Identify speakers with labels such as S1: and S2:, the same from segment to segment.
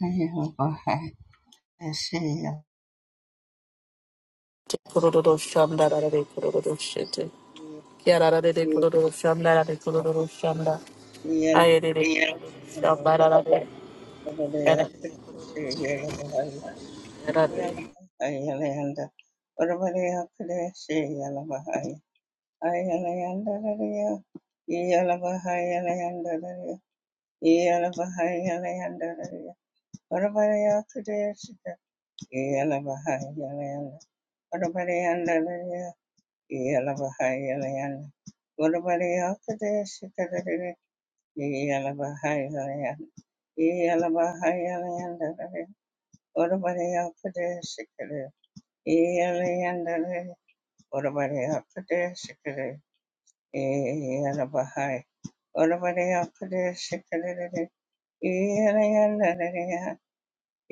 S1: Yeah. What
S2: Kororo shanda rarare kororo shete. kia Kiararare de kororo shanda rarare kororo shanda. Ayere de kororo shamba rarare. Yararare
S1: about the after this? Yalabahayalayanda. Yalabahayalayandadada. Orabareyapadasikada. Yalayandadada. Orabareyapadasikada. Yalabahay. Orabareyapadasikadadada. Yalayandadada.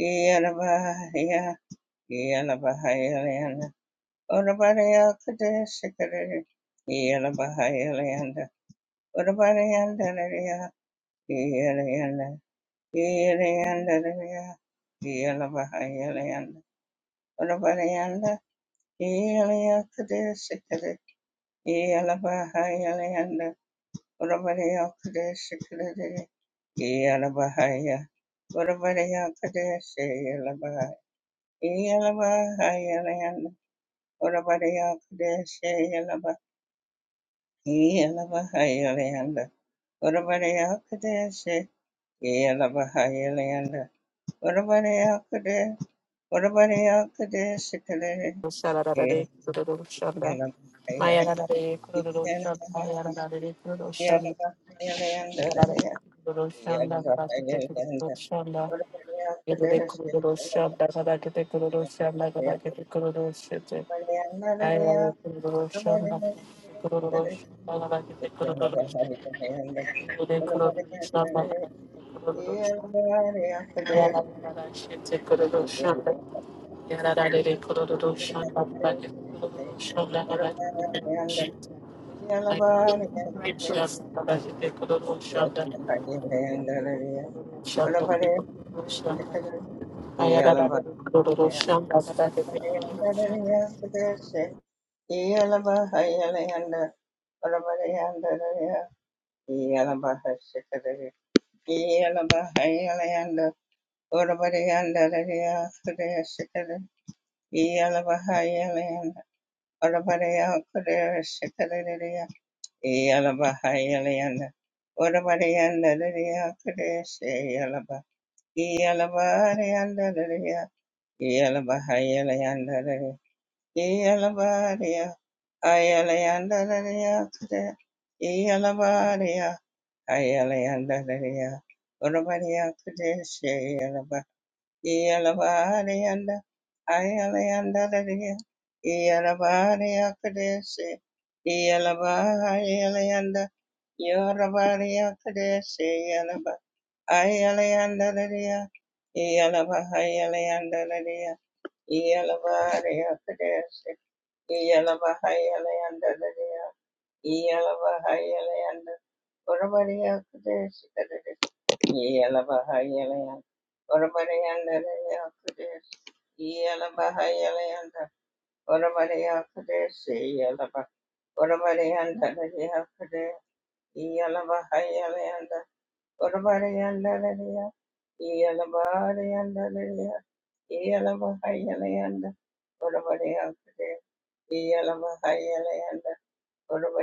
S1: Yalabahaya. Yalabahayalayanda. Orabareyapadasikada. Yalabahayalayanda. Orabareyandadada. Yalayanda. Iyaliyanda liya, Iyalabahayaliyanda, Urabariyanda, Iyaliyakadeshikade, Iyalabahayaliyanda, Urabariyakadeshikade, Iyalabahaya, Urabariyakadeshi, Iyalabahaya, Iyalabahayaliyanda, Urabariyakadeshi, Iyalaba- Iyalabahayaliyanda, Urabariyakadeshi, Iyalabahayaliyanda, Yeah.
S2: sararare kororo shanda. Mayararare kororo shanda. Yararare kororo shanda. Yararare kororo shanda. Rabakete kororo shanda. Yerere kororo shanda. Rabakete kororo shanda. Rabakete kororo shete. Ayararare kororo shanda. Rabakete kororo shanda. Rabakete kororo shanda. I
S1: Yeah.
S2: Shanda,
S1: Iyalabahayalayanda. Orabarayanda Lidia Kadesh Iyalaba. Iyalabarayanda Lidia. Iyalabahayalayanda Lidia. Iyalabaria. Ayalayanda Lidia Kadesh. Iyalabaria. Ayalayanda Lidia. Orabaria Kadesh Iyalavariyanda, ayalayandarariya, Iyalavariyakadesi, Iyalavariyanda, Yoravariyakadesi, Iyalava, ayalayandarariya, Iyalavahayalandarariya, Iyalavariyakadesi, Iyalavahayalandarariya, Iyalabahayalayan, Urabariyakudesikadere, Iyalabahayalayan, Urabariyandarayakudesi, Iyalabahayalayan, Urabariyakudesi, Iyalaba, Urabariyandarayakudesi, Iyalabahayalayan, Urabariyandaraya, Iyalabariyandaraya, Iyalabahayalayan, Urabariyakude, Iyalabahayalayan, Ora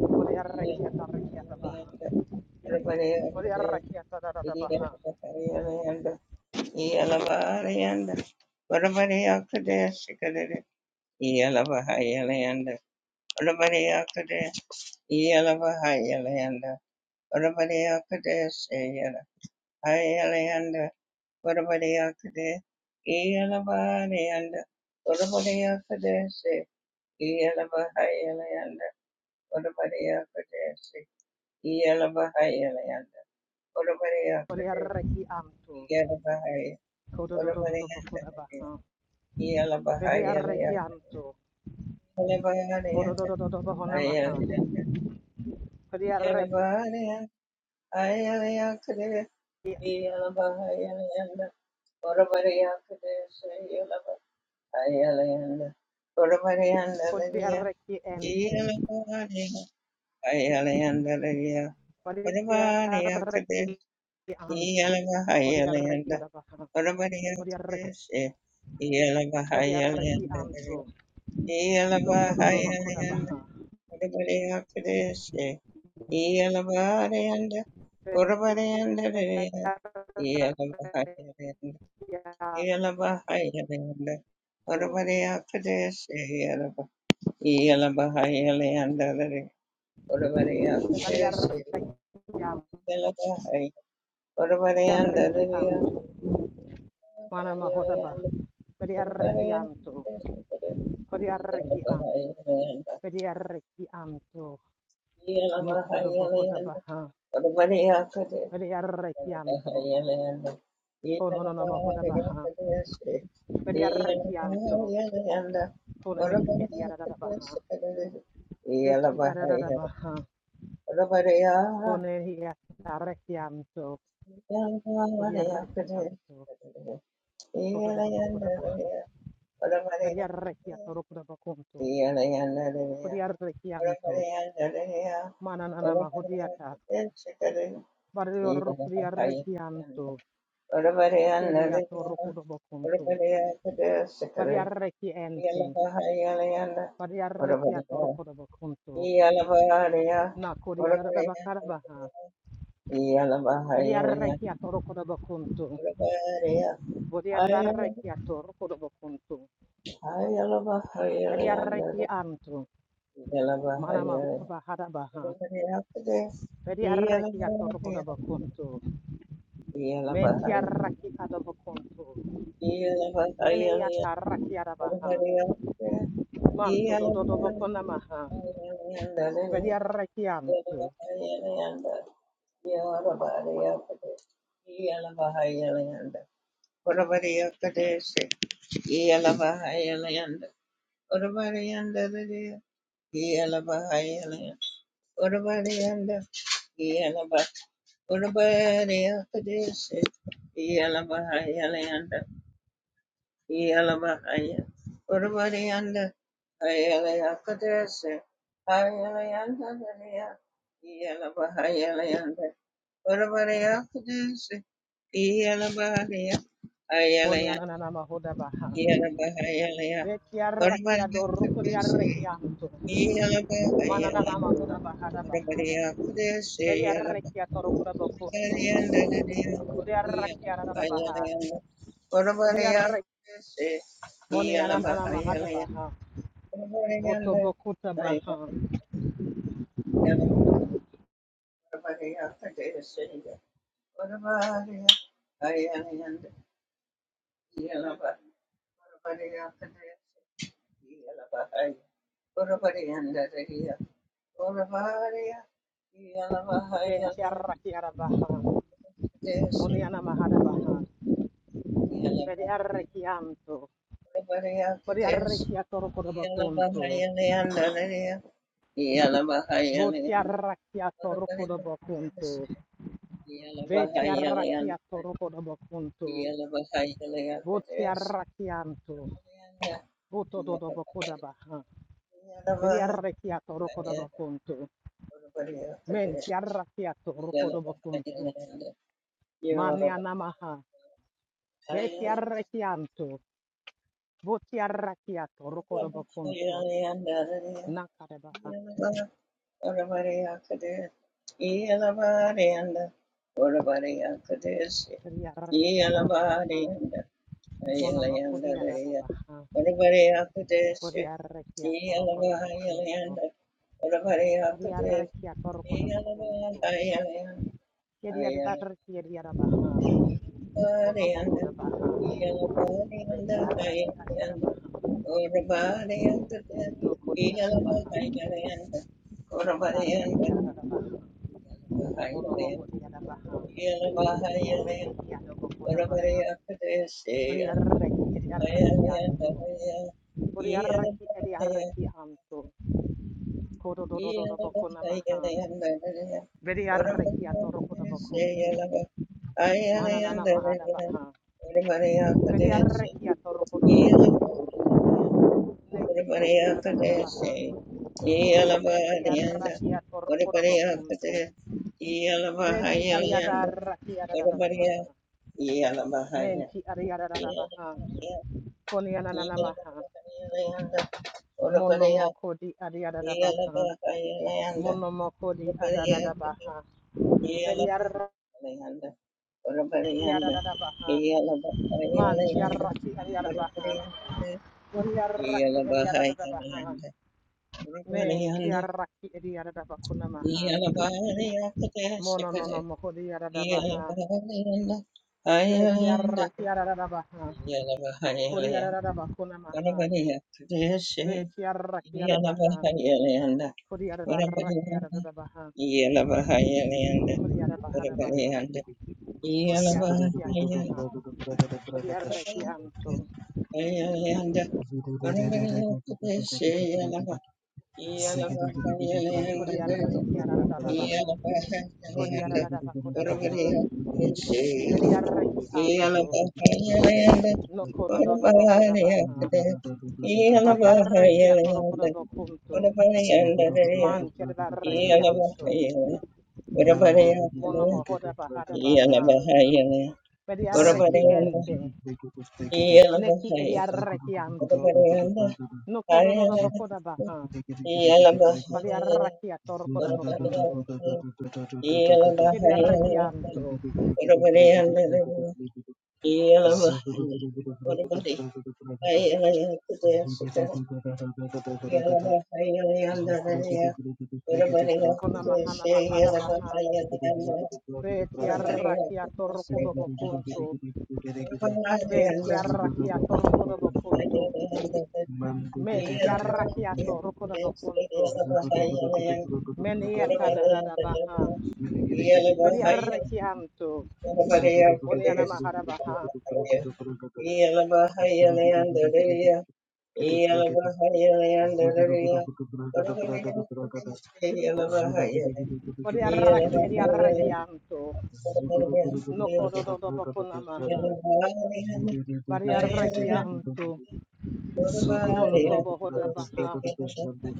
S3: Odiarreki atarrekiatabaha. Odiarreki atadadabaha.
S1: Yalabahayalanda, Yalabahayalanda, Yalabahayalanda,
S3: Odiarreki anto.
S1: Ora Ora Ora Ora
S3: Kodododododobokodabaha.
S1: Ora la baja y a la ya
S3: Vediarreki anto.
S1: la variante ay a
S3: Kodododododobohonamaha.
S1: la y a la
S3: Odiarreki
S1: variante ay a la ya que y a la baja y a la ya ora variante de y a la baja ay a la ya ora variante de ya
S3: Odiarreki
S1: y
S3: ente.
S1: a la variante ay a la ya de ya ora variante de
S3: Odiarreki
S1: y a
S3: anto.
S1: la baja y
S3: Odiarreki adabaha. Odiarreki
S1: a la
S3: Vediarreki anto.
S1: Yalabahayalanda,
S3: Nokodododobokodabaha.
S1: Ilibariyakadeshe, Iyalabariyanda,
S3: Vediarreki
S1: Urabariyandariya, Iyalabariyanda,
S3: anto.
S1: Iyalabariyanda,
S3: So,
S1: Urabariyakadeshe, Iyalaba- Iyalabariyandariya,
S3: bari
S1: Urabariyakadeshe,
S3: arrechiam,
S1: Iyalabariyanda,
S3: arrechiam,
S1: Urabariyandariya,
S3: mana mahodaba,
S1: Iyalabariyanda,
S3: bari
S1: Urabariyakadeshe,
S3: arrechiam to, bari arrechiam,
S1: Iyalabariyanda,
S3: bari arrechiam to, nokodo bohodaba
S1: Iyalabariyanda,
S3: ha,
S1: Urabariyakadeshe,
S3: bari arrechiam to, kono no no mahodaba ha, bari arrechiam to, kono mehi edi aradaba ha, veki aradaba ha, kono ehi arrechiam to, bari arrechiam to, kono no no mahodaba ha, bari arrechiam to, rokodo bokonto, Kodiarrekianto, Mananana Mahodiata, Varior
S1: Yeah.
S3: Kodiarrekianto,
S1: Yeah.
S3: Kediato Rokodobocunto, Variarrekiente, Variarrekiato Rokodobocunto, Nakodiadabacarabaha, Variarrekiato Rokodobocunto, Vodiarrekiato Rokodobocunto, Variarrekianto, Manamahudabaharabaha, Variarrekiato Rokodobocunto, Mentiarraki Adobocunto, Meniatarrakiarabaha, Manto do do do boko namaha. Vedia rekianto.
S1: Yalabahayalanda, Yalabahayalanda, Urabariya Kadesh, Yalabahayalanda, Yelamahaya. Urvariyanda. Ayalayakodeshe. Ayalayandadariya. Yelavahayalayanda. Urvariyakodeshe. Yelabahariya.
S3: Moniana
S1: Ayalayanda.
S3: namahoda baha.
S1: Yelabahayalaya.
S3: Vetia rekia do rukuria
S1: Urvariyakodeshe.
S3: rekianto. Manana
S1: Yelabahayalaya.
S3: namahoda baha da baha. Vedia
S1: Urvariyakodeshe.
S3: rekia to rukuda
S1: Yeah.
S3: bokunto. Vedia rekia da baha. Vedia rek. Moniana namahada baha. Voto bokuta baha. Mentia rekia da baha. Moniana mahada baha. Vedia rekianto. Vedia rekia to rukuda
S1: Yala
S3: bokunto.
S1: Bahaya Leander Yala Bahaya
S3: Voti
S1: Leander
S3: arracchiato
S1: Whatabody
S3: rocodobo
S1: this
S3: conto,
S1: Yala
S3: veti
S1: Bahaya Leander
S3: arracchiato rocodobo conto,
S1: Yala Bahaya Leander
S3: voti arracchianto, voto dodobo codabaha, vedi arracchiato rocodobo conto, menti arracchiato rocodobo conto, mani anamaha, veti arracchianto, voti arracchiato rocodobo conto,
S1: this
S3: nakarebaha,
S1: Yellow orabari Akadir, Yellabadi and orabari Orabariya Kadesh,
S3: vedi arracchiata da baha,
S1: Yalabarianda, Orabariya Kadesh, Yalabarianda, Ayalayanda,
S3: monamacodi da baha,
S1: Orabariya Kadesh,
S3: vedi arracchiato rocodobo conto.
S1: Yalabahayalayanda, Orabariya
S3: Bari
S1: Kadesh,
S3: arreki a torco da bacunto.
S1: Yalabahayalayanda,
S3: Yedi ad arreki edi arabaha. Monomoco
S1: Ayalabarianda,
S3: da baha. Beti
S1: Yalabarianda,
S3: arreki adi
S1: Ayalayanda,
S3: arabaha.
S1: Orabariya Kadesh,
S3: Yo baha. arabaha. Codi
S1: orabari
S3: arreki
S1: Orabarianda,
S3: arabaha. Monomoco di arabaha. Veni hi baha. Bari arreki edi arreki anto. Bari arreki edi arreki anto. Codo do do do torco da bacunto. Mananana Mahadabaha. Bediarrekia Torokodobo. Neki Ediadadabaha. Betiarrakia Torokodobokuntu. Beti
S1: Yeah.
S3: Ariadarrakia
S1: everybody else.
S3: Dadadabaha.
S1: Yeah, I'm behind you.
S3: Menti
S1: Yeah,
S3: Ariadadabaha.
S1: yeah,
S3: Konyananamaha.
S1: yeah. Everybody else.
S3: Monomokodi
S1: Yeah, I'm
S3: Ariadadabaha.
S1: behind you.
S3: Monomokodi
S1: Everybody else.
S3: Adadadabaha.
S1: Yeah, I'm
S3: Bediarrakia
S1: behind you. Everybody else.
S3: Dadadabaha.
S1: Yeah, I'm behind you. Everybody else. Yeah, I'm behind you.
S3: Manchiarraki Ariadabaha.
S1: Everybody else. Yeah,
S3: Bediarraki
S1: I'm behind you.
S3: Ariadadabaha.
S1: Everybody
S3: Men
S1: else. Yeah,
S3: kiaraki ediadadabakunamaha. Mono no no mohodiadadabaha. Be kiaraki adadabaha.
S1: I'm
S3: Kodiadadabakunamaha.
S1: behind you. Everybody else.
S3: Be kiaraki adabaha.
S1: Iyalavahayalayanda,
S3: Kodiadaraki
S1: Varavariyanda,
S3: adadabaha.
S4: Mandele
S1: Iyalavahayalayanda,
S3: Kodiadabahadabaha.
S1: Varavariyanda,
S3: Kotiaraki
S1: Iyalavahayalayanda,
S3: atabaha. Kodiaraki anto.
S1: Varavariyanda, Varavariyakudeshayalava, Iyalavahayalayanda,
S3: Kodiaraki adadadabaha.
S1: Iyalavahayalayanda,
S3: Kodiadadabakudabaha.
S1: Varavariyakudeshayalava, Iyalavahayalayanda, Varavariyakudeshayalava,
S3: Mediaraki anto.
S1: Iyalavahayalayanda,
S3: No kodododobakudabaha. Variaraki atorokudabakunto. Man chedarreki anto.
S1: Varavariyanda, Orabareyakale,
S3: Mono mohoda bahada baha.
S1: Iyalabahayale,
S4: Zugu
S3: Mediarreki
S1: Orabareyanda,
S3: ente. Neki
S1: Iyalabahayale,
S3: ediarreki anto.
S1: Orabareyanda,
S3: No kodo dodo
S1: Hayale,
S3: bokoda baha.
S1: Iyalabahayale,
S3: Padiarreki ator kodo bokunto.
S1: Orabareyakale, Iyalabahayale,
S3: Kiriarreki anto.
S1: Orabareyanda, Iyalabahayale, Orabareyakale, Kudeshika, Iyalabahayale, Yandaraya,
S3: Ona
S1: Orabareyakale,
S3: mahana makada baha.
S1: Sheyalabahayale, Yanda,
S3: Betiarreki
S1: Orabareyakale,
S3: ator kodo bokunto.
S1: Sheyalabahayale,
S3: Betiarreki ator kodo bokunto.
S4: One two three
S3: Men
S4: four five six
S3: tiarreki ator kodo bokunto.
S4: seven eight nine ten eleven twelve thirteen
S3: Men
S4: fourteen
S3: iatada da da baha.
S4: fifteen
S3: Mediarreki anto.
S4: sixteen
S3: Moniana Maharabaha, Variaraki
S4: seventeen
S3: Ediarakianto, Nokodo
S4: eighteen
S3: Bokunamaha,
S4: nineteen
S3: Variarakianto, Monto Bohodabaha,
S4: twenty.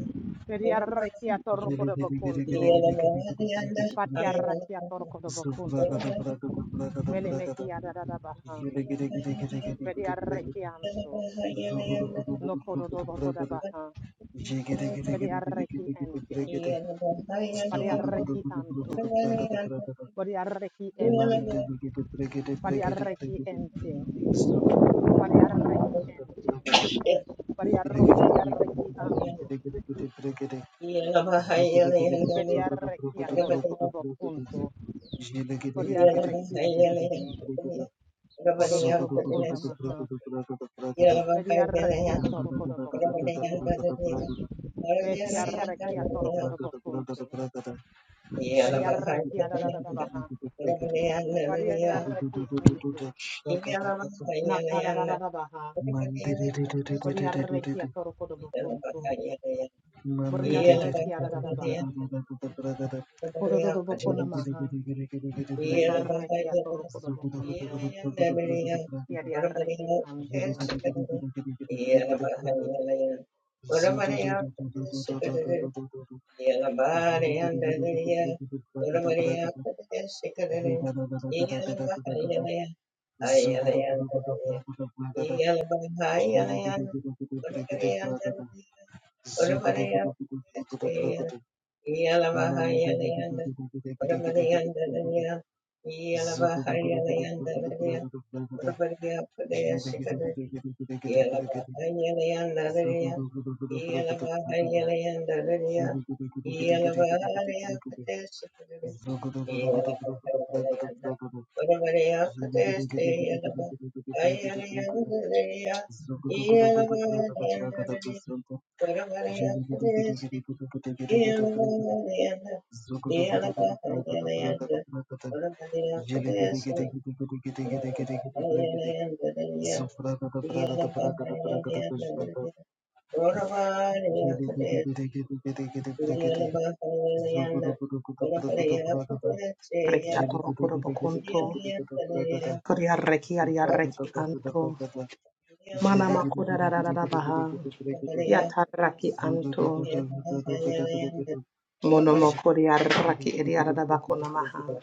S3: Variarakia
S4: Zugu
S1: Yeah.
S3: Torco de Bocunto, Patiarakia Torco de Bocunto, Menemehia da Baha, Variarakianto, Nokodo Bohodabaha, Variaraki Ente, Variaraki Anto, Variaraki Ente,
S1: Yeah.
S3: Variaraki Ente, Variarrechiente, variarrechiarrechi anto, variarrechiatorocodobocunto,
S4: Mandir
S3: variarrechiente, cododobocunamaha, variarrechiatorocodobocunto, vetiarrechiatorocodobocunto,
S1: Yeah.
S3: variarrechiadadadabaha, variarrechi anto, nakaradabaha, variarrechiatorocodobocunto, variarrechiadadabaha, cododobocunamaha, Yarraki atorokodo bokonto. Yarraki
S4: Zugudu
S3: anto.
S1: Yeah. Yeah.
S4: Zugu
S3: Reki
S4: Jellegede
S3: atorokodo
S4: gede gede gede
S3: bokonto.
S4: gede gede bragada
S3: Koriarreki
S4: zupa da da
S3: yarraki
S4: da da
S3: anto.
S4: bragada
S3: Mana
S4: jellegede
S3: makoda
S4: gede gede
S3: rarara
S4: gede gede
S3: baha.
S4: gede gede gede
S3: Yatarraki
S4: zuda da da
S3: anto.
S4: da da da gede gede gede
S3: Mono Monomo koriarraki
S4: jellegede gede gede gede
S3: ediarada bakona
S4: gede gede
S3: maha.
S4: gede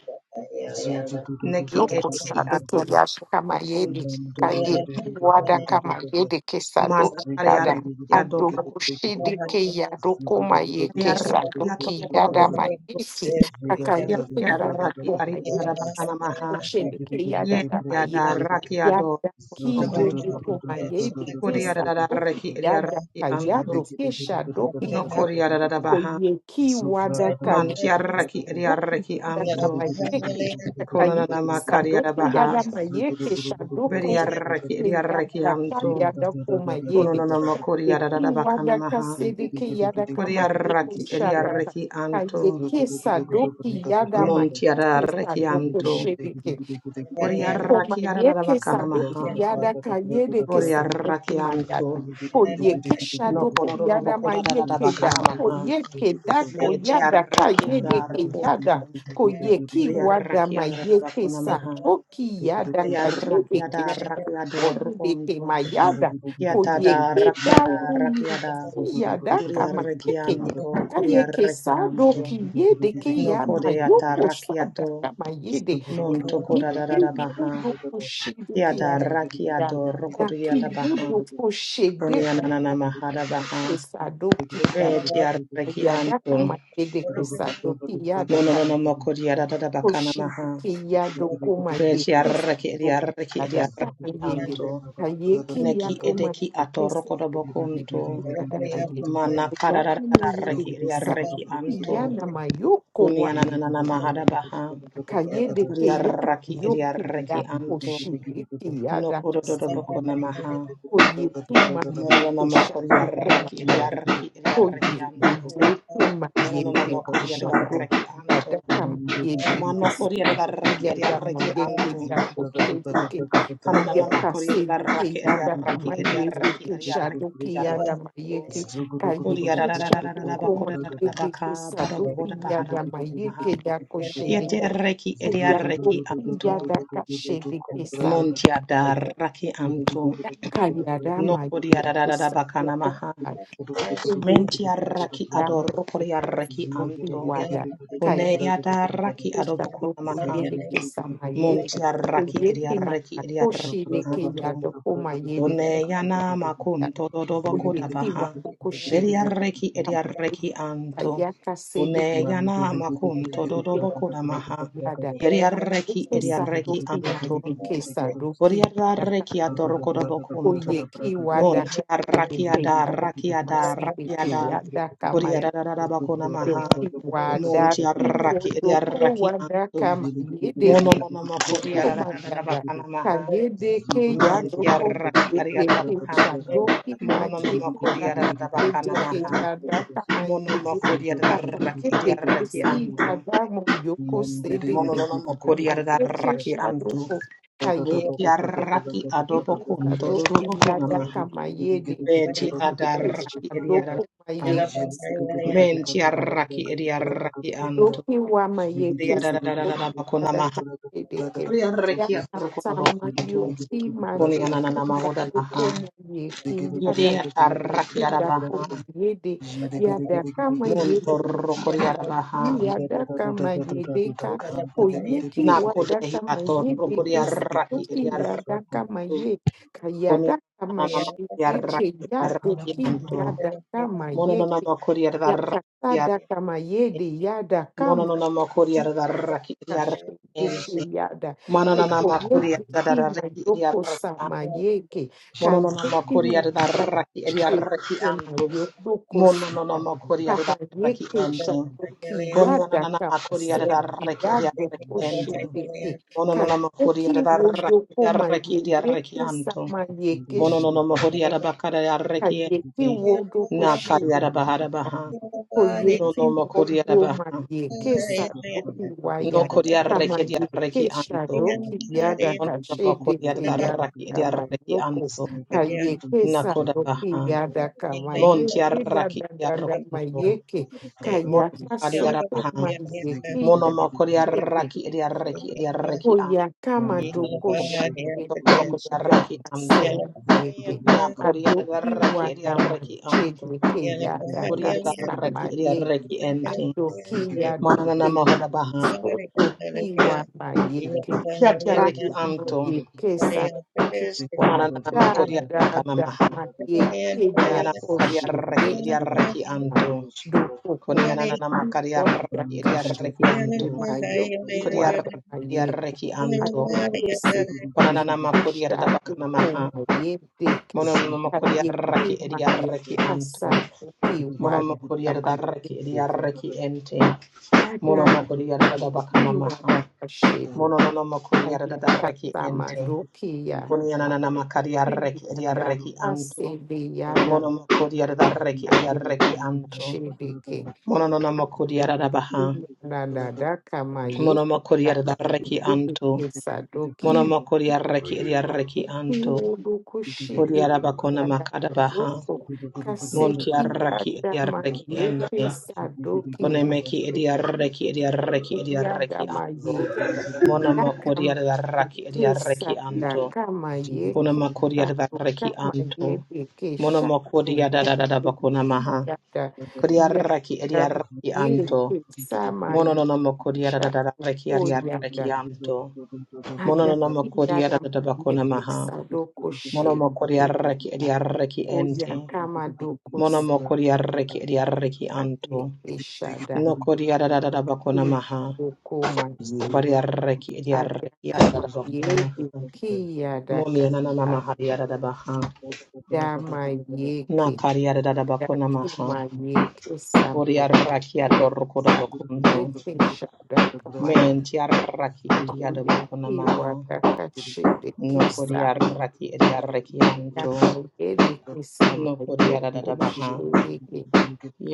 S4: zuda da da da da
S3: Neki
S4: da
S5: Loko
S3: edeki
S4: da da da
S5: sadeke
S4: da
S5: yash
S3: atorokodo
S5: kama
S3: bokonto.
S5: yedi
S4: Allah'ın gede gede
S5: kaye
S4: gede gede
S5: wada
S4: gede gede
S5: kama
S4: gede gede
S5: yedi kesado
S3: Mana
S4: zegede
S5: yada
S4: gede gede
S3: kariarraki
S5: ado
S4: gede
S3: adorokodo
S4: gede gede gede zuda da da da da da da da da
S5: kushidi ke
S3: bokonto.
S5: yado koma ye
S3: Yarraki
S5: kesado ki
S3: atorokodo
S5: yada
S3: bokonto.
S5: mayesi akaye
S4: bragada zuda
S5: kesado
S4: da da da da da
S3: Yarraki
S5: koma
S4: da da
S3: ariarada
S5: yedi
S4: bragada
S3: bakana maha.
S5: kushidi ke
S4: zegede gede
S5: yada
S3: Ye
S4: gede
S5: kama
S4: gede
S3: yada
S4: gede gede
S5: yedi
S4: gede
S3: raki ado
S5: yada
S4: Zubra
S5: ki
S3: kodobokon
S5: yodi koma yedi
S3: kodi yada da
S5: kesado
S3: raki edia
S5: yada
S3: raki anto
S5: kayado
S3: no kodi yada da baha
S5: Oyeki wadaka
S3: man
S1: Yeah.
S3: kia
S5: yeki
S3: raki edia
S5: sadoki
S3: raki
S5: wadaka
S3: anto
S5: mayeke shaka
S3: kononana
S5: yeki
S3: makari yada
S5: sadoki
S3: baha
S5: yada mayeke
S3: beri
S5: shadoko
S3: yada raki
S5: mayeke
S3: edia reki
S5: yadaka
S3: anto
S5: yadako mayebe
S3: kononana makori yada
S5: yeki
S3: da bakana
S5: wadaka
S3: maha
S5: sedeke yadaka
S3: kodi yada
S5: mayeke
S3: raki edia
S5: shadaka
S3: reki anto
S5: kayeke sadoki yada
S3: monti
S5: mayeke
S3: yada reki
S5: sadoko
S3: anto
S5: shebeke
S3: bori yada
S5: Koma
S3: raki yada da
S5: yeke
S3: bakana
S5: sadoki
S3: maha
S5: yada kayede ke
S3: bori yada
S5: sadoki
S3: raki
S5: mayada.
S3: anto
S4: Zugu
S5: Ko yeke
S3: No
S5: sadoki
S3: kororo
S5: yada ma
S3: bokora da da da
S5: yeke da.
S3: bakana
S5: Ko
S3: maha.
S5: yeke da ko
S3: Ye
S5: yada
S3: tiarakia
S5: kayede ke
S3: dar
S5: yada.
S3: unto.
S5: Ko yeki wada ma
S3: Uriarakia da da
S5: ke
S3: bakona maha.
S5: sadoki yada kayede
S3: Kodiarakia
S5: ke
S3: da rakia dor
S5: sadoki deke
S3: unto.
S5: mayada. Ko
S3: Kiata adar.
S5: yeki
S3: rakia
S5: da
S3: da rakia
S5: uyi
S3: da.
S5: yada kama yeke.
S3: Uriarakianto.
S5: Kaka yeke
S3: anto.
S5: sadoki yede ke
S3: No
S5: yama
S3: kodeata
S5: yoko
S3: rakiato.
S5: sadaka mayede.
S3: Monto koda da da da baha. Kiada rakia
S5: Ikiyodokoshedekeyada,
S3: dor kodia da baha. Konianana
S5: dakiyodokoshedekeyadekeshadokiya,
S3: maha da baha. Ye tiaraki anto.
S1: Even
S5: yadakamayedekesadokiyadaka,
S3: Mononono moko diarada bakana maha.
S4: Zugada
S3: Beti arreki edi arreki
S5: koshedekeyadokomayekeshadokiya,
S3: edi arreki
S5: dakamayede,
S3: anto. Neki edeki atoroko do bokunto.
S5: kayekeyadomayekesadokiyadamaye,
S3: Mana kararada arreki edi arreki anto.
S5: yakinayedekesadokiyanamayokowa
S3: Uniananana mahada baha.
S5: Akayedeke
S3: Edi arreki edi
S5: yamayoke
S3: arreki
S5: da
S3: anto.
S5: oshireke
S3: No kurodo do do
S5: yadakase.
S3: bokuna maha.
S5: Koyeke
S3: Mononono
S5: mayeke
S3: moko
S5: shadoko
S3: diarreki edi
S5: mayad.
S3: arreki edi arreki
S5: Koyeke
S3: anto.
S5: dreke
S3: Mononono
S5: mayedeke
S3: moko diarreki
S5: shadoke
S3: anto.
S5: yadaka mayedeke
S3: Mano
S5: saki
S3: kori edi arreki edi
S5: yada
S3: arreki
S5: mayeke
S3: anto.
S5: dako shedeke.
S3: Kanana makori
S5: Kayakasedeke
S3: yarraki
S4: Ziggy
S5: yadaka
S3: yarraki yarraki
S5: mayedeke shadoke
S3: yarraki
S5: yada
S3: yarrukunto.
S5: mayeke.
S3: Uri
S5: Kayeke
S3: yararararara
S5: shadoko
S3: bakora
S5: mayedeke
S3: baka
S5: sadoke
S3: barobohora bahara
S5: yada
S3: baha.
S5: mayeke dako shedeke.
S3: Kiete yarraki
S5: Kayaka
S3: yarraki anto. Monti yarraki anto. No kori yarararara bakana maha.
S1: Yes.
S3: Menti yarraki adoro kori yarraki anto. Kone yarraki adobokona maha. Monti yarraki yarraki yarraki anto. Une yana makun todo
S4: Zugu
S3: doboko da baha. Beriareki ediareki anto.
S5: sedeke
S3: Une yana makun todo doboko da maha.
S5: yada.
S3: Beriareki
S5: Yeke
S3: ediareki
S5: sadoki ma
S3: anto.
S5: sadoki yada.
S3: Boriareki atoroko da bokunto.
S5: Oyeki wada ka
S3: Monti arrakiada
S5: yada kama
S3: rakiada rakiada.
S5: yada kama.
S3: Boriarada bakona maha.
S5: Yadaka
S3: Monti arraki ediareki anto.
S5: Mayede,
S3: Mono mono
S5: Yeke
S3: makodi arada bakana maha. Menti arraki adiada Mono no no makori arata bakana maha. Mono
S4: Zulu
S3: araki antu. Mono no no antu.
S1: Yeah.
S3: Beti araki adobo kunto dodobo kuna maha. Beti adaraki iri
S5: Shadoko
S3: arata.
S5: Mayeke
S3: Menti araki iri araki antu.
S5: Doki wa
S3: Uri
S5: mayeke saboki
S3: arata bakuna maha.
S5: yadaka dedeke.
S3: Uri araki
S5: Yaka
S3: adobo
S5: sama
S3: kunto.
S5: yoki
S3: Kuni
S5: madeke
S3: anana mahoda
S5: yadoko
S3: baha.
S5: mayeke
S3: Yedi
S5: yadaka
S3: araki
S5: yeke
S3: arabaha.
S5: dako mayede. Yadaka
S3: Monto
S5: mayede
S3: rokori arabaha.
S4: Thank
S5: koyeki
S4: you.
S5: yadaka mayedeka. Koyeki
S3: Nakodehi
S5: wadaka
S3: ato rokodia
S5: mayedeke
S3: raki
S5: saboki
S3: edia raki
S5: yadaka maye.
S3: konia
S5: Kayadaka
S3: nanama kodia raki
S5: mashideke
S3: edia raki
S5: yadoki
S3: anto
S5: yadaka
S3: mono
S5: mayeke.
S3: nanama kodia da raki edia
S5: Yakatada
S3: raki
S5: kamayede yada
S3: mono
S5: kama
S3: nanama kodia da raki
S5: Iwana
S3: edia raki
S5: shedeke
S3: ente
S5: Yada
S3: mana nanama kodia
S5: Kotoyede
S3: da da
S5: kina
S3: raki edia
S5: yoko
S3: raki
S5: sama
S3: anto
S5: yeke
S3: mono nanama
S5: kayeki
S3: kodia da
S5: waza
S3: raki edia raki
S5: shirike na
S3: anto
S5: yodoko
S3: mono
S5: sida
S3: nanama kodia
S5: kama
S3: da raki
S5: yeke
S3: ente
S5: shadoki
S3: konia
S5: yada
S3: nanama
S5: kama
S3: kodia
S5: se
S3: da raki edia
S5: yado
S3: raki ente
S5: koshideke
S3: Mononoma
S5: kayeki
S3: Korea da
S5: wodoko ma
S3: Raki Yarraki
S5: yedeke
S3: Anto.
S5: sama yeke shadoki
S3: Mononoma Horia da Bakara Yarraki
S5: kayeki wodoko
S3: Nakaria da
S5: shideke
S3: Bahara Baha.
S5: òye
S3: No
S5: tí
S3: no
S5: wọ́n
S3: Korea
S5: dó màyè ké sàdókì wáyà
S3: No kori
S1: Yeah.
S3: Reki
S5: kàmàyè ké
S3: Yarraki Anto.
S1: Yeah.
S5: sàdókì yáda
S3: Mononoma
S5: kàṣéde
S3: Korea
S5: ké
S3: da
S5: yáda
S3: Raki Yarraki
S5: kàmàyókò
S3: Anto.
S5: kàyè ké
S3: Nakoda
S5: sàdókì
S3: Baha.
S5: yáda kàmàyé
S3: Montia
S5: dé
S4: Thank
S3: Raki
S5: dáadáa
S3: Yarrokunto.
S5: ke kàyà
S3: Monaria da
S5: kásókè
S3: Baha.
S5: màyè
S3: Monoma Korea
S5: kí
S3: Raki Yarraki Yarraki
S5: Oya
S3: Anto.
S5: kama doko shekete
S3: Korea
S5: yada
S3: Raki Anto.
S5: kasema yeke.
S3: Ya Korea da
S5: Adoki
S3: raki eria
S5: wada
S3: raki anto.
S5: machede ke yada
S3: Korea da raki
S5: kasama
S3: eria
S5: yeke.
S3: raki ente.
S5: Adoki yada
S3: Manana na
S5: ke
S3: maho
S5: yada
S3: da baha.
S5: sodoki wada yeke.
S3: Kia tia raki
S5: Dakuma
S3: anto.
S5: yeke sadoki wada
S3: Manana na ma Korea da
S5: da
S3: baka na
S5: da
S3: maha.
S5: ma yeke
S3: Korea
S5: da
S3: na makaria
S5: koshe
S3: raki eria
S5: deke
S3: raki
S5: yada.
S3: anto.
S5: Doko ko
S3: Korea
S1: Yeah.
S3: na na
S5: yeke
S3: makaria
S5: wada
S3: raki eria raki
S5: kashede ke
S3: anto.
S5: ma yoki
S3: Korea
S5: wada
S4: you.
S3: eria
S5: yeke
S3: raki anto.
S4: Thank
S5: atopese
S3: Manana na ma Korea da
S5: nekushande
S3: baka na maha.
S5: komayendeke
S3: Monono na ma Korea raki eria
S5: kayekemaya
S3: raki anto. Monono
S5: kasadokiwada
S3: Korea da raki
S5: kamayende
S3: eria raki ente.
S5: adada
S3: Monomokori yarada bakana
S5: iyekiwada
S3: maha.
S5: kashede
S3: Monomokori yarada reki ente.
S5: kayakasamadokiya
S3: Kunianana makari yarreki
S5: akiyada
S3: yarreki anto.
S5: kasedeyada
S3: Monomokori yarada reki
S5: kayada
S3: yarreki anto.
S5: kashedeke
S3: Monomokori yarada baha.
S5: kayekiyadadada
S3: Monomokori
S5: kamayekiyada
S3: yarada reki anto.
S5: kamayedeke sadokima
S3: Monomokori yarreki yarreki
S5: Adeki
S3: anto.
S5: wobu kushi
S3: Kori
S5: biki
S3: yaraba kona
S5: yada
S3: makada baha.
S5: Yoko
S3: Monti
S5: Kaseki
S3: yarreki
S5: Adama
S4: you.
S3: yarreki
S5: Yeke
S3: ente.
S4: Ziggy
S5: Sadoki
S3: Konemeki yarreki yarreki yarreki
S5: Yadama
S3: anto. Mona makoria
S5: daka
S3: da raki edia reki anto.
S5: Dakama Yeke Sadakama
S3: Kona
S5: Yeke
S3: makoria da reki
S5: Sadokama
S3: anto.
S5: Yebeke
S3: Mona makoria da
S5: Shadoko
S3: da da da bakona
S5: Yeki
S3: maha.
S5: Yada
S3: Koria raki edia
S5: Yadama
S3: reki anto.
S5: Yeke Sama
S3: Mono no no makoria da da da
S5: Yeshako
S3: da reki edia reki
S5: Yada
S3: anto. Mono no no
S5: Adaki
S3: makoria da
S5: Yadama
S3: da da bakona
S5: Yeke
S3: maha.
S5: Sadoko
S3: Mono makoria
S5: Shebe
S3: raki edia reki ente. Mono
S5: Oyakamadokos
S3: makoria reki edia reki anto.
S5: Adekeshada
S3: No koria da da da da bakona maha.
S5: Ibokomaye
S3: Koria reki edia reki da da da bakona
S5: Adakamaye
S3: maha. Moni
S4: Thank
S3: anana
S5: Dekiyadakata
S3: mahari arada baha. Na
S5: Adamayeke
S3: kari arada bakona maha.
S5: Dakimaye
S3: Bori
S5: Kesamaye
S3: arraki adoroko da bakunto.
S5: Yekeshadakamaye
S3: Men ti arraki iri ada bakona maha.
S5: Koyakiwadakashede
S3: No kori arraki iri arraki anto.
S5: Kesamayaka Yede
S3: No kori arada
S5: Kesamayoko
S3: da baha.
S5: Shedeke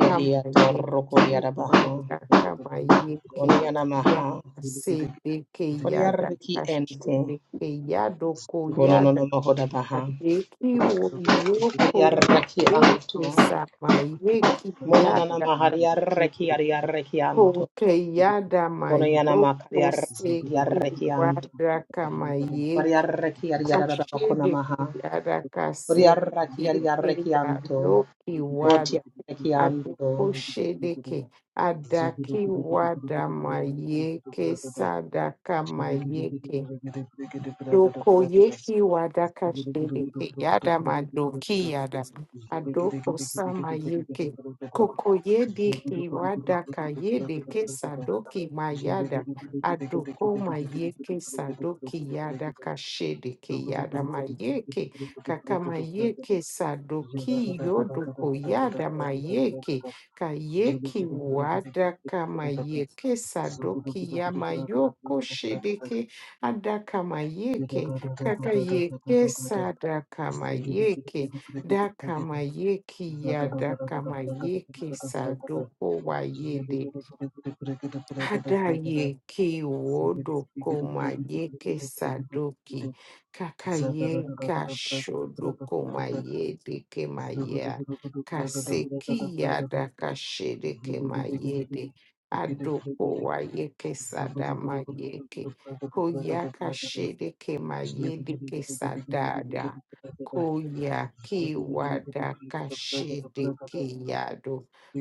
S5: kama
S3: adoroko di
S5: yeke
S3: arada baha.
S5: wada kama yeke
S3: Koni anamaha.
S5: yaka sedeke
S3: Bori
S5: yada
S3: arraki ente.
S5: kashedeke yadoko
S3: Kono no
S5: yada
S3: no moho baha.
S5: kadeki
S3: Yari
S5: oyoko
S3: anto.
S5: mayeke samayeki
S3: Mona nana
S5: yada
S3: mahari arraki
S5: kashede
S3: ari
S5: koke yada
S3: Kono yana
S4: you.
S3: makari
S5: mayoko
S4: Zoom,
S5: seki
S3: yarreki anto.
S5: wada kama
S3: Bari
S5: yeke
S3: yarreki yarrada bakona
S5: kashedeke
S3: maha.
S5: yada
S3: Bari
S5: kase
S3: yarreki
S5: yeke
S3: yarreki
S5: da
S3: anto.
S5: yoki
S3: Boti
S5: wada
S3: yarreki anto.
S5: Adokoshedeke, Adaki Wadamayeke, Sadakamayeke, Doko yeki wadaka shedeke yada madoki yada adoko sama yeke koko yedeke wadaka yedeke sadoki mayada adoko mayeke sadoki yada kashedeke yada mayeke kaka mayeke
S4: Zagada
S5: sadoki yodoko yada mayeke kayeki wadaka mayeke sadoki yamayoko shedeke Adakamayeke, kakayeke sadakamayeke, dakamayeke yadakamayeke sadoko wayede. Adayeke wodoko mayeke sadoki kakayega shodoko mayedeke maya kaseki yada
S4: Zugu
S5: kashedeke mayede adoko wayeke sadama yeke koyaka shedeke mayedeke sadada Koya ki wada Koyaki wadakashede keyado.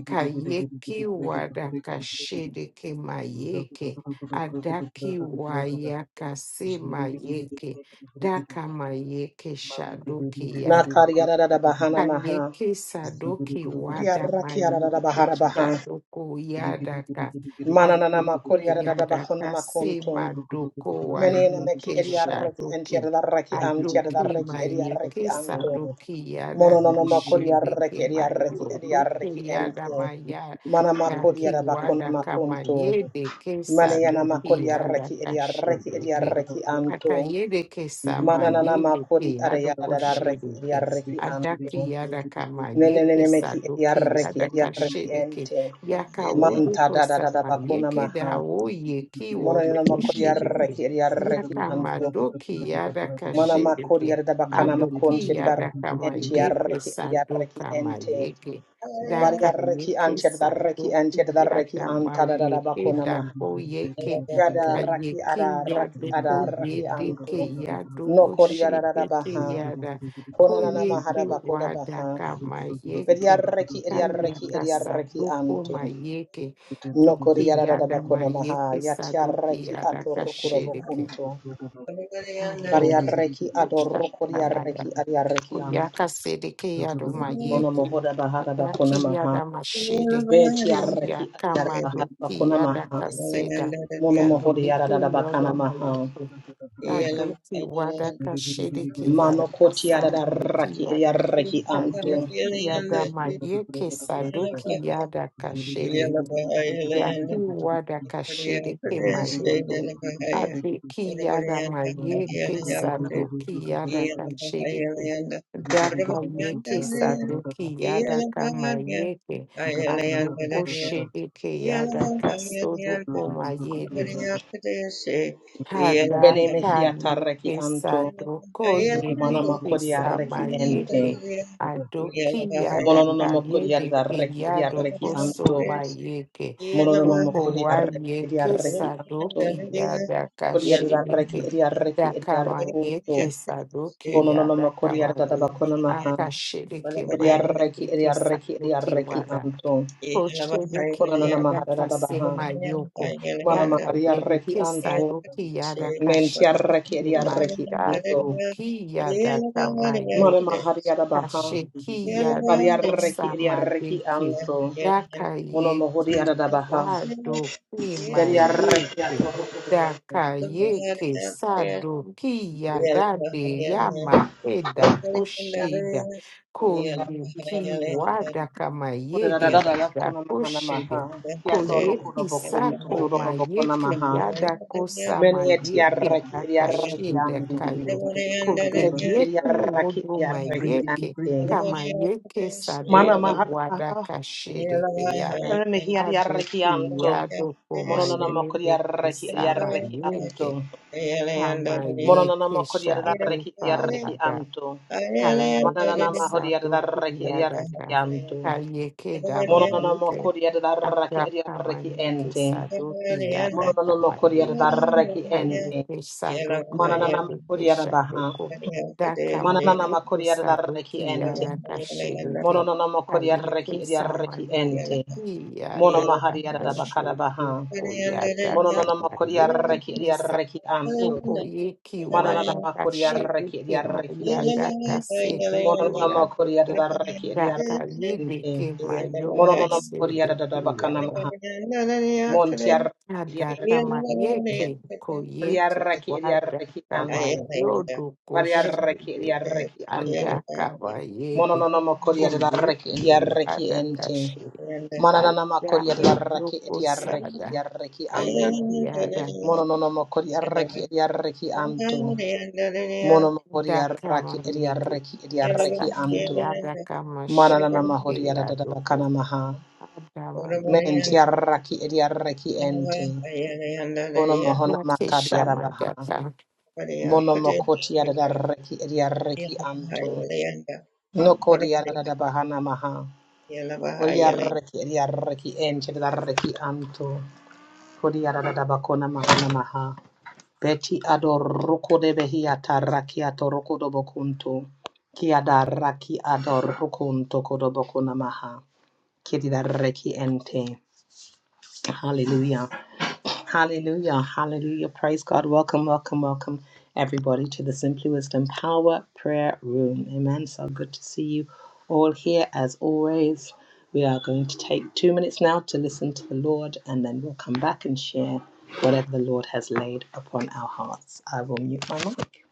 S5: Kayeki wadakashede kemayeke. Adaki waya kasi mayeke. Daka mayeke shadoki
S3: Nakari yarrada bahana maha.
S5: Kayeke sadoki
S3: Bari
S5: Wada
S3: yarreki yarrada
S5: Mayeke
S3: bahara baha.
S5: Shadoko Yadaka
S3: Mananana
S5: Adeke
S3: makori yarrada bakona
S5: Yadaka Sema
S3: makonto.
S5: Doko
S4: Ziggy,
S3: Menene meki
S5: Wayeke
S3: eri yarreki enti
S5: Shadoke
S3: yarreki anti
S5: Adoke
S3: yarreki eri
S5: Mayeke
S3: yarreki anto.
S5: Sadoke Yadaka
S3: Mononono makori yarreki
S5: Shedeke
S3: eri yarreki eri
S5: Mayodoke
S3: yarreki
S5: Yada
S3: enti.
S5: Maya
S3: Mana makori
S5: Yaki
S3: yarrada bakona
S5: Wadaka
S3: makonto.
S5: Mayedeke
S3: Manayana
S5: Sadoke
S3: makodi arreki
S5: Yadaka
S3: edi arreki edi
S5: Shedeke
S3: arreki anto.
S5: Akayedeke sama
S3: Mananana makodi
S5: yedeke adoko
S3: adayada reki edi
S5: shedeke
S3: arreki
S5: adaki
S3: anto.
S5: yadaka ma yeke
S3: Nenenene meki edi
S5: sadoki
S3: arreki edi
S5: yadaka
S3: arreki
S5: shedeke
S3: ente.
S5: yaka
S3: Manta
S5: wodoko
S3: da da da da
S5: sama
S3: bakuna
S5: yeke da
S3: maha.
S5: wo yeki
S3: Monanana
S5: wodoko
S3: makodi
S5: shedeke
S3: arreki edi arreki
S5: yaka
S3: anto.
S5: madoki yadaka
S3: Mana makodi
S5: shedeke
S3: adada bakana
S4: Zogo
S3: makonti
S5: adoki
S3: edi arreki
S5: yadaka ma
S3: enti
S5: yeke
S3: arreki edi arreki
S5: sadoka ma
S3: ente.
S5: yeke
S3: Vari
S5: daka
S3: arreki
S5: yeke
S3: anti adada reki
S5: sadoki
S3: enti adada reki anta
S5: yadama
S3: da da da
S5: yeke
S3: bakuna maha.
S5: dako yeke
S3: Yada raki
S5: Ayeke
S3: ada raki ada
S5: yadoko
S3: raki
S5: yedeke
S3: anto. No
S5: yadoko
S3: Kodiarada
S5: shedeke
S3: Baha.
S5: yada
S3: Konanana
S5: koyeke
S3: Mahara Bakoda Baha.
S5: wadaka mayeke
S3: Bediarreki Ediarreki
S5: kayaka
S3: Ediarreki
S5: sadoko
S3: Anto.
S5: mayeke
S3: No
S5: doke
S3: Kodiarada
S5: yada
S3: Bakona Maha.
S5: mayeke sadoke
S3: Yatiarreki
S5: yadaka
S3: Atorukuro
S5: shedeke
S3: Bokunto.
S5: adoma
S3: Variarreki
S5: kochta
S3: Adorukuriarreki Adiarreki Anto.
S5: Oyaka sedeke yadoma
S3: Kono
S5: yeke.
S3: Mohoda Bahara
S5: Ataki
S3: Bakona Maha.
S5: yadama shede.
S3: Betiarreki
S5: Oyaka
S3: Adiara Bahara
S5: madoki
S3: Bakona Maha.
S5: yadaka seda.
S3: Mono
S5: Kalmedeke
S3: Mohodiarada Bakana
S5: yadoma
S3: Maha.
S5: yeke. Adoki wadaka
S4: Zugu
S5: shedeke
S3: Mano
S5: yadaka
S3: Kotiarada
S5: samadoki
S3: Raki
S5: yada.
S3: Ediarreki Anto.
S5: Kayeki yadama yeke sadoki yadaka shede. Yakiwadakashiriki mayogo. Adeki yada mayeke sadoki yada
S1: Yeah.
S5: kashiriki. Dako yeke sadoki yada kamayeke. Adoko shiriki yada kasodoko
S3: Bene
S5: Hadaka
S3: Mehiatarreki
S5: yeke
S3: Anto.
S5: sadoko
S3: Mana
S5: yedeke
S3: makori arreki ente.
S5: samayeke adoki
S3: Mononono
S5: yadaka
S3: makori
S5: yedeke
S3: arreki edi arreki
S5: yadoko
S3: anto.
S5: somayeke
S3: Mononono
S5: doko
S3: makori
S5: wa
S3: arreki edi
S5: yeke
S3: arreki anto.
S5: sadoki yadaka
S3: Kori arreki
S5: shedeke
S3: edi arreki edi
S5: dakama
S3: arrokunto.
S5: yeke sadoki
S3: Kononono
S5: yadaka
S3: makori arda
S5: mabo
S3: bakona maha.
S5: aka shedeke
S3: Kori arreki edi
S5: mayeke
S3: arreki edi
S5: sadoki
S3: arreki
S5: wada
S3: anto.
S1: Yeah.
S3: Konanana mahara da baha.
S5: Mayoko,
S3: Mana
S5: daka
S3: mahari
S5: Dakaye,
S3: arreki
S5: Kisa,
S3: anto.
S5: Dokiya,
S3: Menti
S5: Dakashida,
S3: arreki edi arreki anto.
S5: Mayado, Kiya, Daka,
S3: Mana
S5: Mayoko,
S3: mahari arda baha.
S5: Kashekiya,
S3: Bari arreki
S5: Dokosa,
S3: edi arreki
S5: Madeki,
S3: anto. Mono
S5: Dakaye,
S3: mohori arada baha.
S5: Kiwado,
S3: Very arrekia
S5: Kimayeke,
S3: toro kudo
S5: Dakaye, Kisa, Dokiya, Dade, Yamakeda,
S3: ya.
S5: Oshida,
S3: Boko ya
S5: Koye,
S3: reki ente.
S4: Ziggy,
S5: Kiwada,
S3: Kudo da da da da ya kuna
S5: Yako
S3: maha na maha.
S5: shede.
S3: Kia
S5: Ko
S3: toro kudo
S5: yeki
S3: bokum to
S5: sako
S3: doro
S5: ma
S3: do boko na
S5: yeke
S3: maha.
S5: yada kosa ma
S3: Meni eti
S5: yeke
S3: arreki eri
S5: daka
S3: arreki
S5: shede
S3: anto.
S5: kayo. Ko ke
S3: Neki eri
S5: yeki
S3: arreki
S5: wodo
S3: eri
S5: ma
S3: arreki
S5: yeke.
S3: ante.
S5: Kama yeke
S3: Mana
S5: sadoki
S3: maha da
S5: wada
S3: maha.
S5: kashede ke yada.
S3: Rene hi eri arreki
S5: Adoki
S3: anto.
S5: yado ko ma
S3: Mononana mokuri
S5: yede
S3: arreki eri
S5: kosa ma
S3: arreki
S5: yeke.
S3: anto.
S5: Kama
S3: Mononana
S5: yeke
S3: mokuri arreki eri
S5: shadoka
S3: arreki
S5: wada
S3: anto.
S5: Kayeke
S3: Manana mahuri
S5: Sadoku
S3: arreki eri arreki
S5: Yadaka,
S3: anto.
S5: Kayeke
S3: Mononono
S5: Damayeke,
S3: mokori adaraki
S5: Adaka
S3: adaraki
S5: Mayeke
S3: ente.
S5: Sadoki Yadaka
S3: Mononono mokori
S5: Mayeke,
S3: adaraki ente.
S5: Kayeke Sadoko
S3: Mananana
S5: Wadeke
S3: mokori adabaha.
S5: Shadoko, Daka
S3: Mananana
S5: Mayeke
S3: mokori adaraki
S5: Sadoki
S3: ente.
S5: Yadaka Shedeke,
S3: Mononono mokori
S5: Kayeke
S3: adaraki adaraki ente.
S5: Samadoki
S3: Mono
S5: Yadaka
S3: mahari
S5: Ashodoko
S3: adabakarabaha.
S5: Yadaka
S3: Mononono mokori
S1: Yeah.
S3: adaraki
S5: Mayeke
S3: adaraki
S1: Yeah.
S3: anto.
S5: Okoyeki
S3: Mananana mokori adaraki
S5: wadakashedeke
S3: adaraki ente.
S5: mayadakasedeke
S3: Mononono mokori
S5: yadoko
S3: adaraki adaraki ente.
S5: dakayedeke mayoko
S3: Mononono mokori
S5: sedeke
S3: adabakana
S5: yada
S3: maha. Montiar
S5: adaka
S3: adaraki ente.
S5: mayeke koyeki
S3: Koriaraki ediaraki
S5: wadaka
S3: ante.
S5: mayodo
S3: Variaraki
S5: koshede
S3: ediaraki ante.
S5: adaka mayede
S3: Mononoma koriaraki
S5: koyeki
S3: ediaraki ente.
S5: wadakashe
S3: Mananama
S5: ada
S3: koriaraki
S5: mayoko
S3: ediaraki
S5: sada
S3: ediaraki anto.
S5: kayeki yada
S3: Mononoma koriaraki ediaraki anto. Monoma
S5: daka
S3: koriaraki ediaraki ediaraki
S5: Saki
S3: anto.
S5: Yadaka Mashiki
S3: Mananama
S5: Yadoko
S3: horiaradabakana maha.
S5: Adama
S3: Men tiaraki ediaraki
S1: Good
S3: ente.
S1: morning,
S3: Ono mahona
S5: Yoko shama
S3: makadiarabaha.
S5: daka.
S3: Monomokoti yarareki yarareki anto. Nokodi yarada bahana maha. Kodi yarareki yarareki ente yarareki anto. Kodi yarada bakona mahana maha. Beti ador roko de behi ataraki atoroko do bokunto. Ki adaraki ador rukunto kodo bokona maha. Kedi yarareki ente. Hallelujah. Hallelujah. Hallelujah. Praise God. Welcome, welcome, welcome, everybody, to the Simply Wisdom Power Prayer Room. Amen. So good to see you all here as always. We are going to take two minutes now to listen to the Lord, and then we'll come back and share whatever the Lord has laid upon our hearts. I will mute my mic.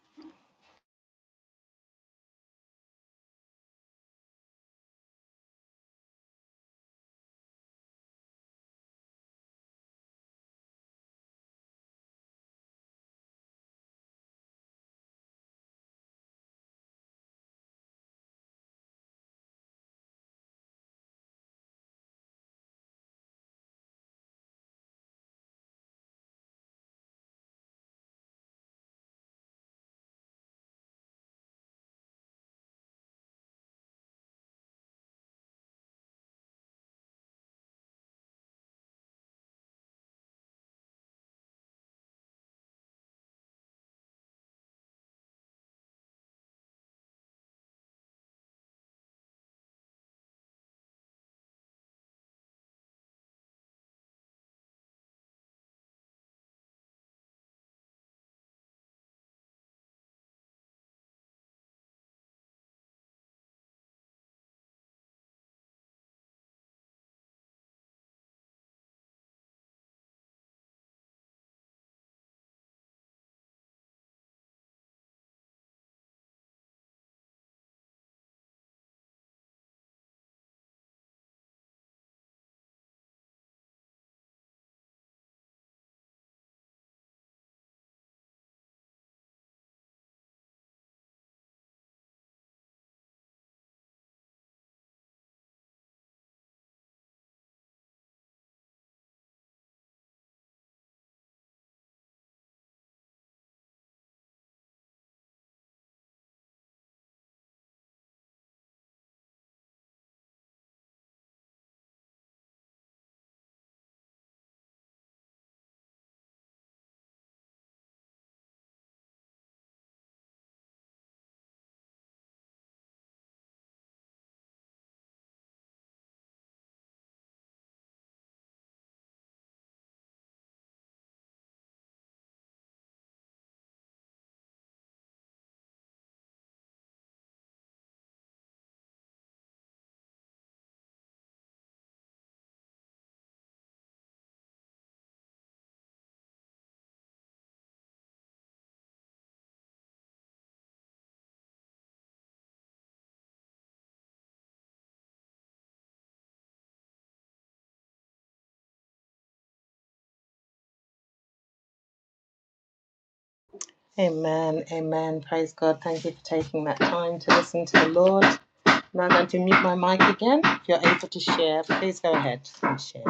S3: Amen. Amen. Praise God. Thank you for taking that time to listen to the Lord. Now I'm going to mute my mic again. If you're able to share, please go ahead and share.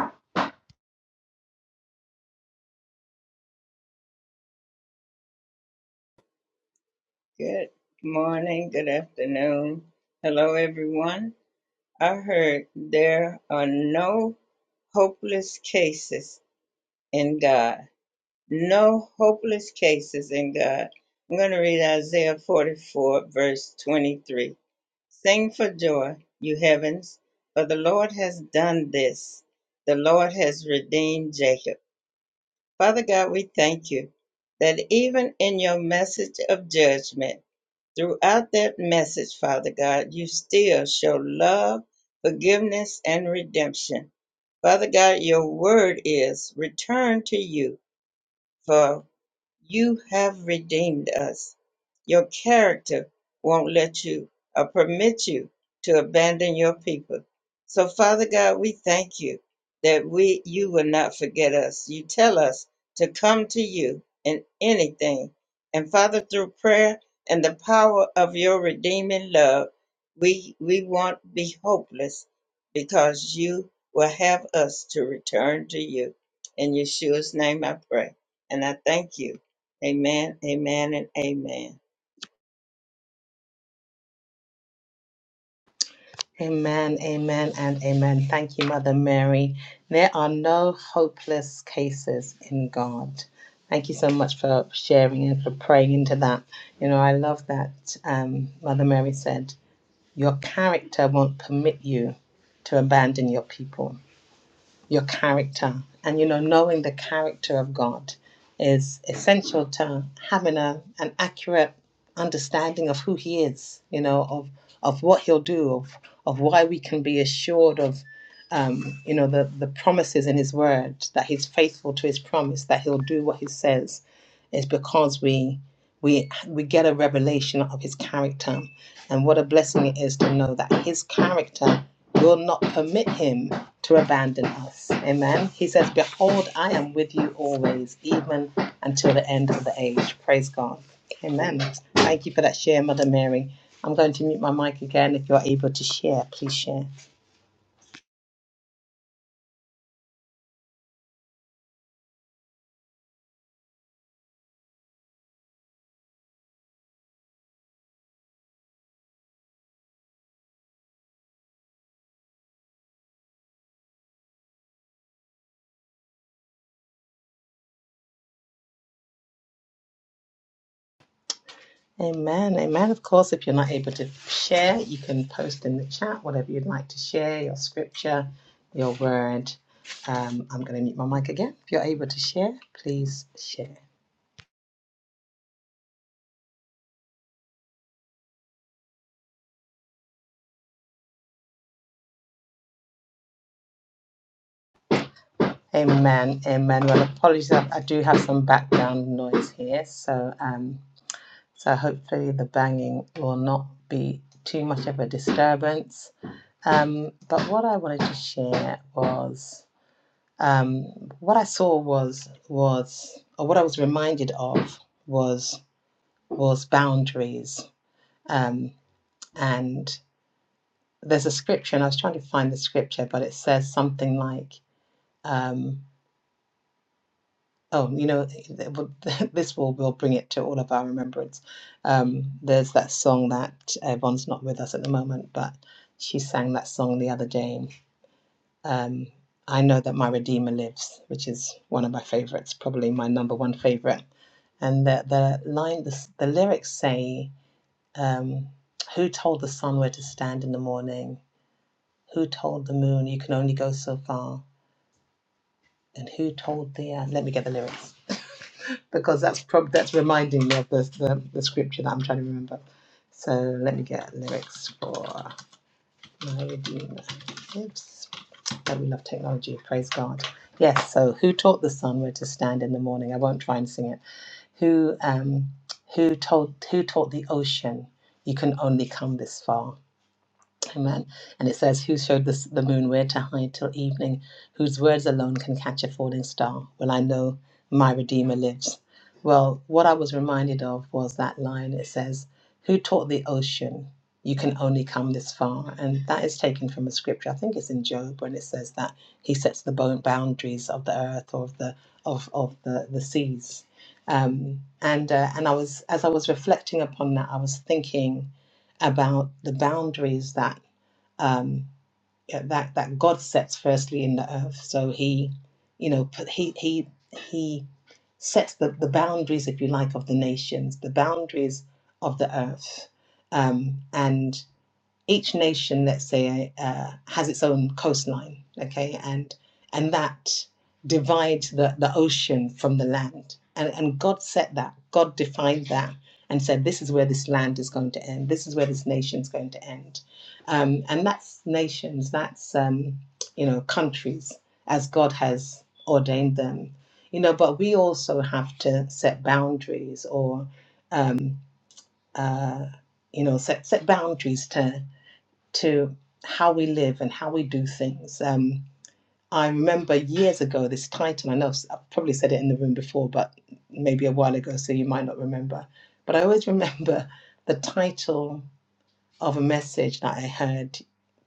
S1: good afternoon. Hello, everyone. I heard there are no hopeless cases in God. No hopeless cases in God. I'm going to read Isaiah 44, verse 23. Sing for joy, you heavens, for the Lord has done this. The Lord has redeemed Jacob. Father God, we thank you that even in your message of judgment, throughout that message, Father God, you still show love, forgiveness, and redemption. Father God, your word is return to you for. You have redeemed us. Your character won't let you or permit you to abandon your people. So, Father God, we thank you that we you will not forget us. You tell us to come to you in anything. And Father, through prayer and the power of your redeeming love, we we won't be hopeless because you will have us to return to you. In Yeshua's name I pray. And I thank you. Amen, amen, and amen.
S3: Amen, amen, and amen. Thank you, Mother Mary. There are no hopeless cases in God. Thank you so much for sharing and for praying into that. You know, I love that um, Mother Mary said, Your character won't permit you to abandon your people your character. And you know, knowing the character of God is essential to having a, an accurate understanding of who He is, you know, of, of what He'll do, of, of why we can be assured of, um, you know, the, the promises in His word, that He's faithful to His promise, that He'll do what He says, is because we. We, we get a revelation of his character and what a blessing it is to know that his character will not permit him to abandon us. Amen. He says, Behold, I am with you always, even until the end of the age. Praise God. Amen. Thank you for that share, Mother Mary. I'm going to mute my mic again. If you're able to share, please share. Amen. Amen. Of course, if you're not able to share, you can post in the chat whatever you'd like to share, your scripture, your word. Um, I'm going to mute my mic again. If you're able to share, please share. Amen, amen. Well, apologies, I I do have some background noise here, so um, so hopefully the banging will not be too much of a disturbance. Um, but what I wanted to share was um, what I saw was was or what I was reminded of was was boundaries. Um, and there's a scripture, and I was trying to find the scripture, but it says something like. um. Oh, you know, th- well, this will will bring it to all of our remembrance. Um, there's that song that Yvonne's not with us at the moment, but she sang that song the other day. Um, I know that my Redeemer lives, which is one of my favorites, probably my number one favorite. And the the line, the, s- the lyrics say, um, "Who told the sun where to stand in the morning? Who told the moon you can only go so far? And who told the uh, let me get the lyrics." because that's prob- that's reminding me of the, the the scripture that I'm trying to remember. So let me get lyrics for my redeemer. Oops, oh we love technology. Praise God. Yes. So who taught the sun where to stand in the morning? I won't try and sing it. Who um who told who taught the ocean you can only come this far? Amen. And it says, Who showed this, the moon where to hide till evening? Whose words alone can catch a falling star? Well, I know my Redeemer lives. Well, what I was reminded of was that line. It says, Who taught the ocean? You can only come this far. And that is taken from a scripture. I think it's in Job when it says that he sets the bo- boundaries of the earth or of the of, of the, the seas. Um, and uh, and I was as I was reflecting upon that, I was thinking about the boundaries that um, yeah, that that God sets firstly in the earth. So he, you know, he he he sets the, the boundaries, if you like, of the nations, the boundaries of the earth, um, and each nation, let's say, uh, has its own coastline, okay, and and that divides the, the ocean from the land. And, and God set that, God defined that and said, this is where this land is going to end, this is where this nation is going to end. Um, and that's nations, that's, um, you know, countries as God has ordained them, you know, but we also have to set boundaries or, um, uh, you know, set, set boundaries to to how we live and how we do things. Um, I remember years ago this title. I know I've probably said it in the room before, but maybe a while ago, so you might not remember. But I always remember the title of a message that I heard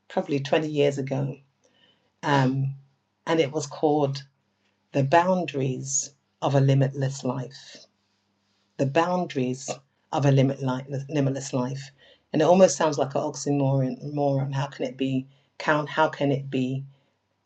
S3: probably 20 years ago, um, and it was called "The Boundaries of a Limitless Life." The boundaries of a limit li- limitless life, and it almost sounds like an oxymoron. moron. How can it be? Count? How can it be?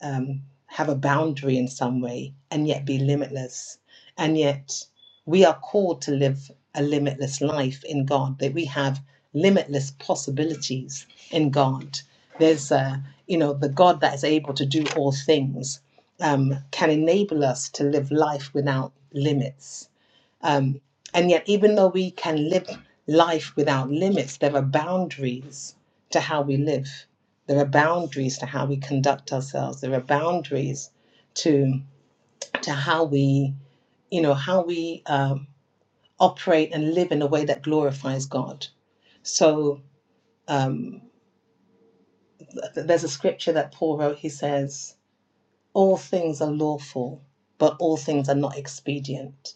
S3: um, have a boundary in some way and yet be limitless. And yet we are called to live a limitless life in God, that we have limitless possibilities in God. There's, uh, you know, the God that is able to do all things um, can enable us to live life without limits um, and yet, even though we can live life without limits, there are boundaries to how we live. There are boundaries to how we conduct ourselves. There are boundaries to to how we, you know, how we um, operate and live in a way that glorifies God. So um, th- there's a scripture that Paul wrote. He says, "All things are lawful, but all things are not expedient."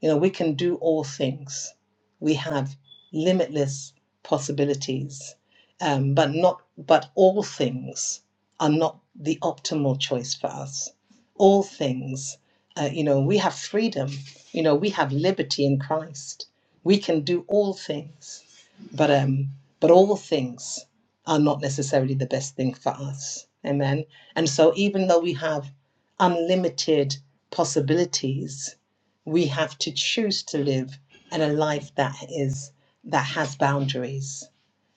S3: You know, we can do all things. We have limitless possibilities, um, but not but all things are not the optimal choice for us. All things, uh, you know, we have freedom. You know, we have liberty in Christ. We can do all things, but um, but all things are not necessarily the best thing for us. Amen. And so, even though we have unlimited possibilities we have to choose to live in a life that is that has boundaries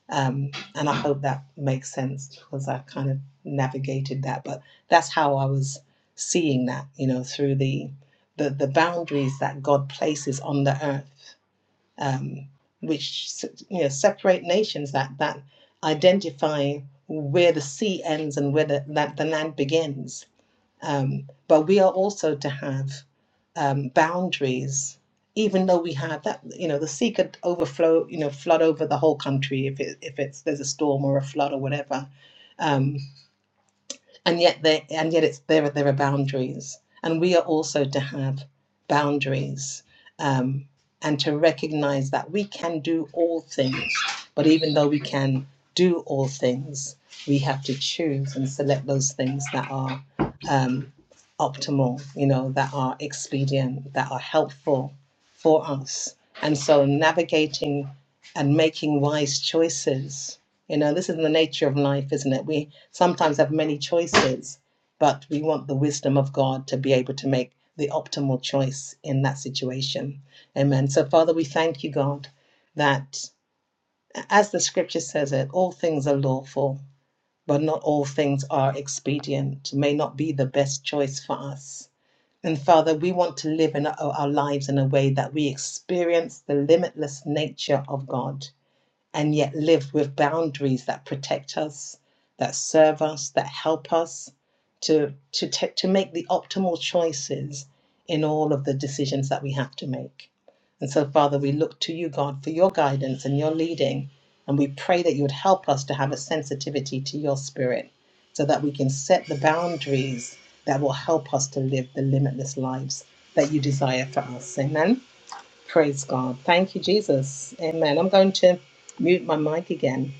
S3: um, and i hope that makes sense because i've kind of navigated that but that's how i was seeing that you know through the the, the boundaries that god places on the earth um, which se- you know separate nations that that identify where the sea ends and where the, that the land begins um, but we are also to have um, boundaries, even though we have that, you know, the sea could overflow, you know, flood over the whole country if it if it's there's a storm or a flood or whatever. Um, and yet they and yet it's there there are boundaries and we are also to have boundaries um, and to recognize that we can do all things but even though we can do all things we have to choose and select those things that are um, optimal you know that are expedient that are helpful for us and so navigating and making wise choices you know, this is the nature of life, isn't it? We sometimes have many choices, but we want the wisdom of God to be able to make the optimal choice in that situation. Amen. So, Father, we thank you, God, that as the scripture says it, all things are lawful, but not all things are expedient, may not be the best choice for us. And Father, we want to live in our lives in a way that we experience the limitless nature of God and yet live with boundaries that protect us, that serve us, that help us to to ta- to make the optimal choices in all of the decisions that we have to make. And so, Father, we look to you, God, for your guidance and your leading, and we pray that you would help us to have a sensitivity to your Spirit, so that we can set the boundaries that will help us to live the limitless lives that you desire for us. Amen. Praise God. Thank you, Jesus. Amen. I'm going to mute my mic again.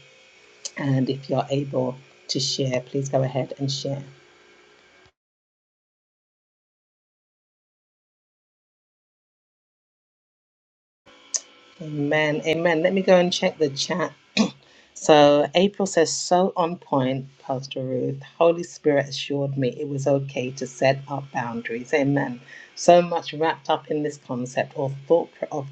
S3: And if you're able to share, please go ahead and share. Amen. Amen. Let me go and check the chat. So April says, so on point, Pastor Ruth. Holy Spirit assured me it was okay to set up boundaries. Amen. So much wrapped up in this concept or thought of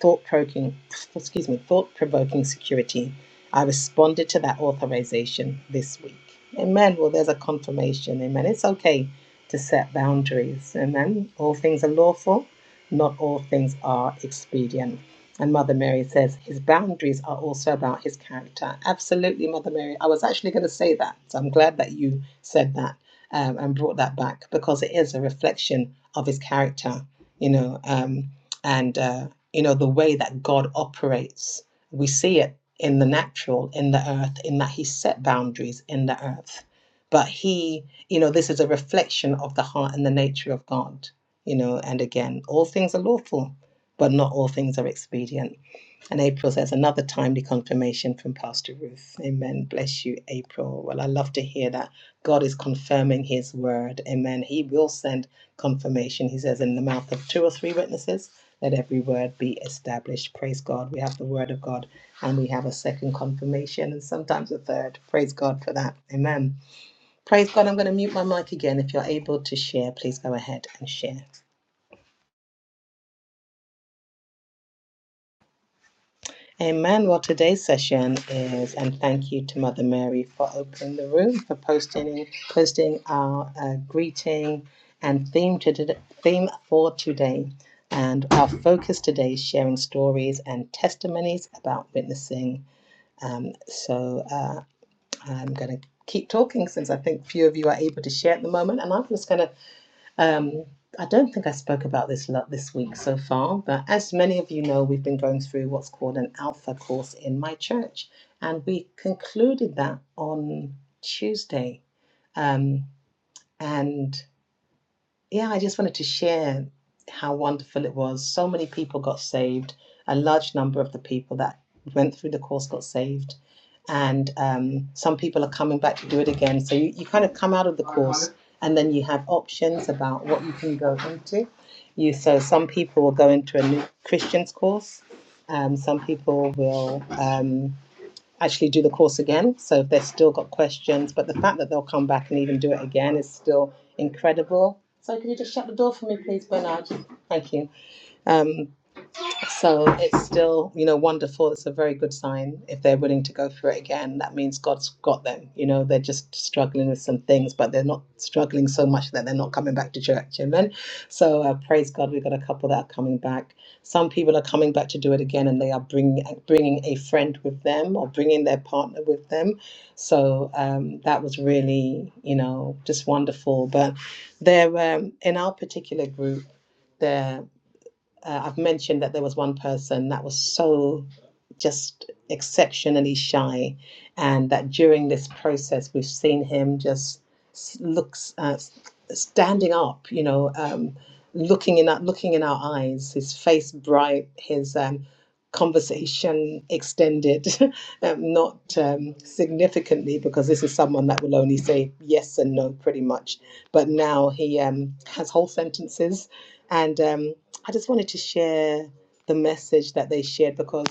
S3: thought provoking, excuse me, thought provoking security. I responded to that authorization this week. Amen. Well, there's a confirmation. Amen. It's okay to set boundaries. Amen. All things are lawful, not all things are expedient. And Mother Mary says, his boundaries are also about his character. Absolutely, Mother Mary. I was actually going to say that. So I'm glad that you said that um, and brought that back because it is a reflection of his character, you know, um, and, uh, you know, the way that God operates. We see it in the natural, in the earth, in that he set boundaries in the earth. But he, you know, this is a reflection of the heart and the nature of God, you know, and again, all things are lawful but not all things are expedient. And April says, another timely confirmation from Pastor Ruth. Amen. Bless you, April. Well, I love to hear that. God is confirming his word. Amen. He will send confirmation. He says, in the mouth of two or three witnesses, let every word be established. Praise God. We have the word of God and we have a second confirmation and sometimes a third. Praise God for that. Amen. Praise God. I'm going to mute my mic again. If you're able to share, please go ahead and share. Amen. Well, today's session is, and thank you to Mother Mary for opening the room, for posting posting our uh, greeting and theme to today, theme for today. And our focus today is sharing stories and testimonies about witnessing. Um, so uh, I'm going to keep talking since I think few of you are able to share at the moment, and I'm just going to um, I don't think I spoke about this lot this week so far, but as many of you know, we've been going through what's called an Alpha course in my church, and we concluded that on Tuesday. Um, and yeah, I just wanted to share how wonderful it was. So many people got saved. A large number of the people that went through the course got saved. And um, some people are coming back to do it again. So you, you kind of come out of the course and then you have options about what you can go into. You So some people will go into a new Christian's course. Um, some people will. um, actually do the course again. So if they've still got questions, but the fact that they'll come back and even do it again is still incredible. So can you just shut the door for me, please, Bernard? Thank you. Um, so it's still, you know, wonderful. It's a very good sign. If they're willing to go through it again, that means God's got them. You know, they're just struggling with some things, but they're not struggling so much that they're not coming back to church. Amen. So uh, praise God, we've got a couple that are coming back. Some people are coming back to do it again, and they are bringing bringing a friend with them or bringing their partner with them. So um, that was really, you know, just wonderful. But there, um, in our particular group. there. Uh, I've mentioned that there was one person that was so just exceptionally shy, and that during this process, we've seen him just s- looks uh, s- standing up, you know, um, looking in our, looking in our eyes, his face bright, his um, conversation extended, um, not um, significantly because this is someone that will only say yes and no pretty much, but now he um, has whole sentences and. Um, I just wanted to share the message that they shared because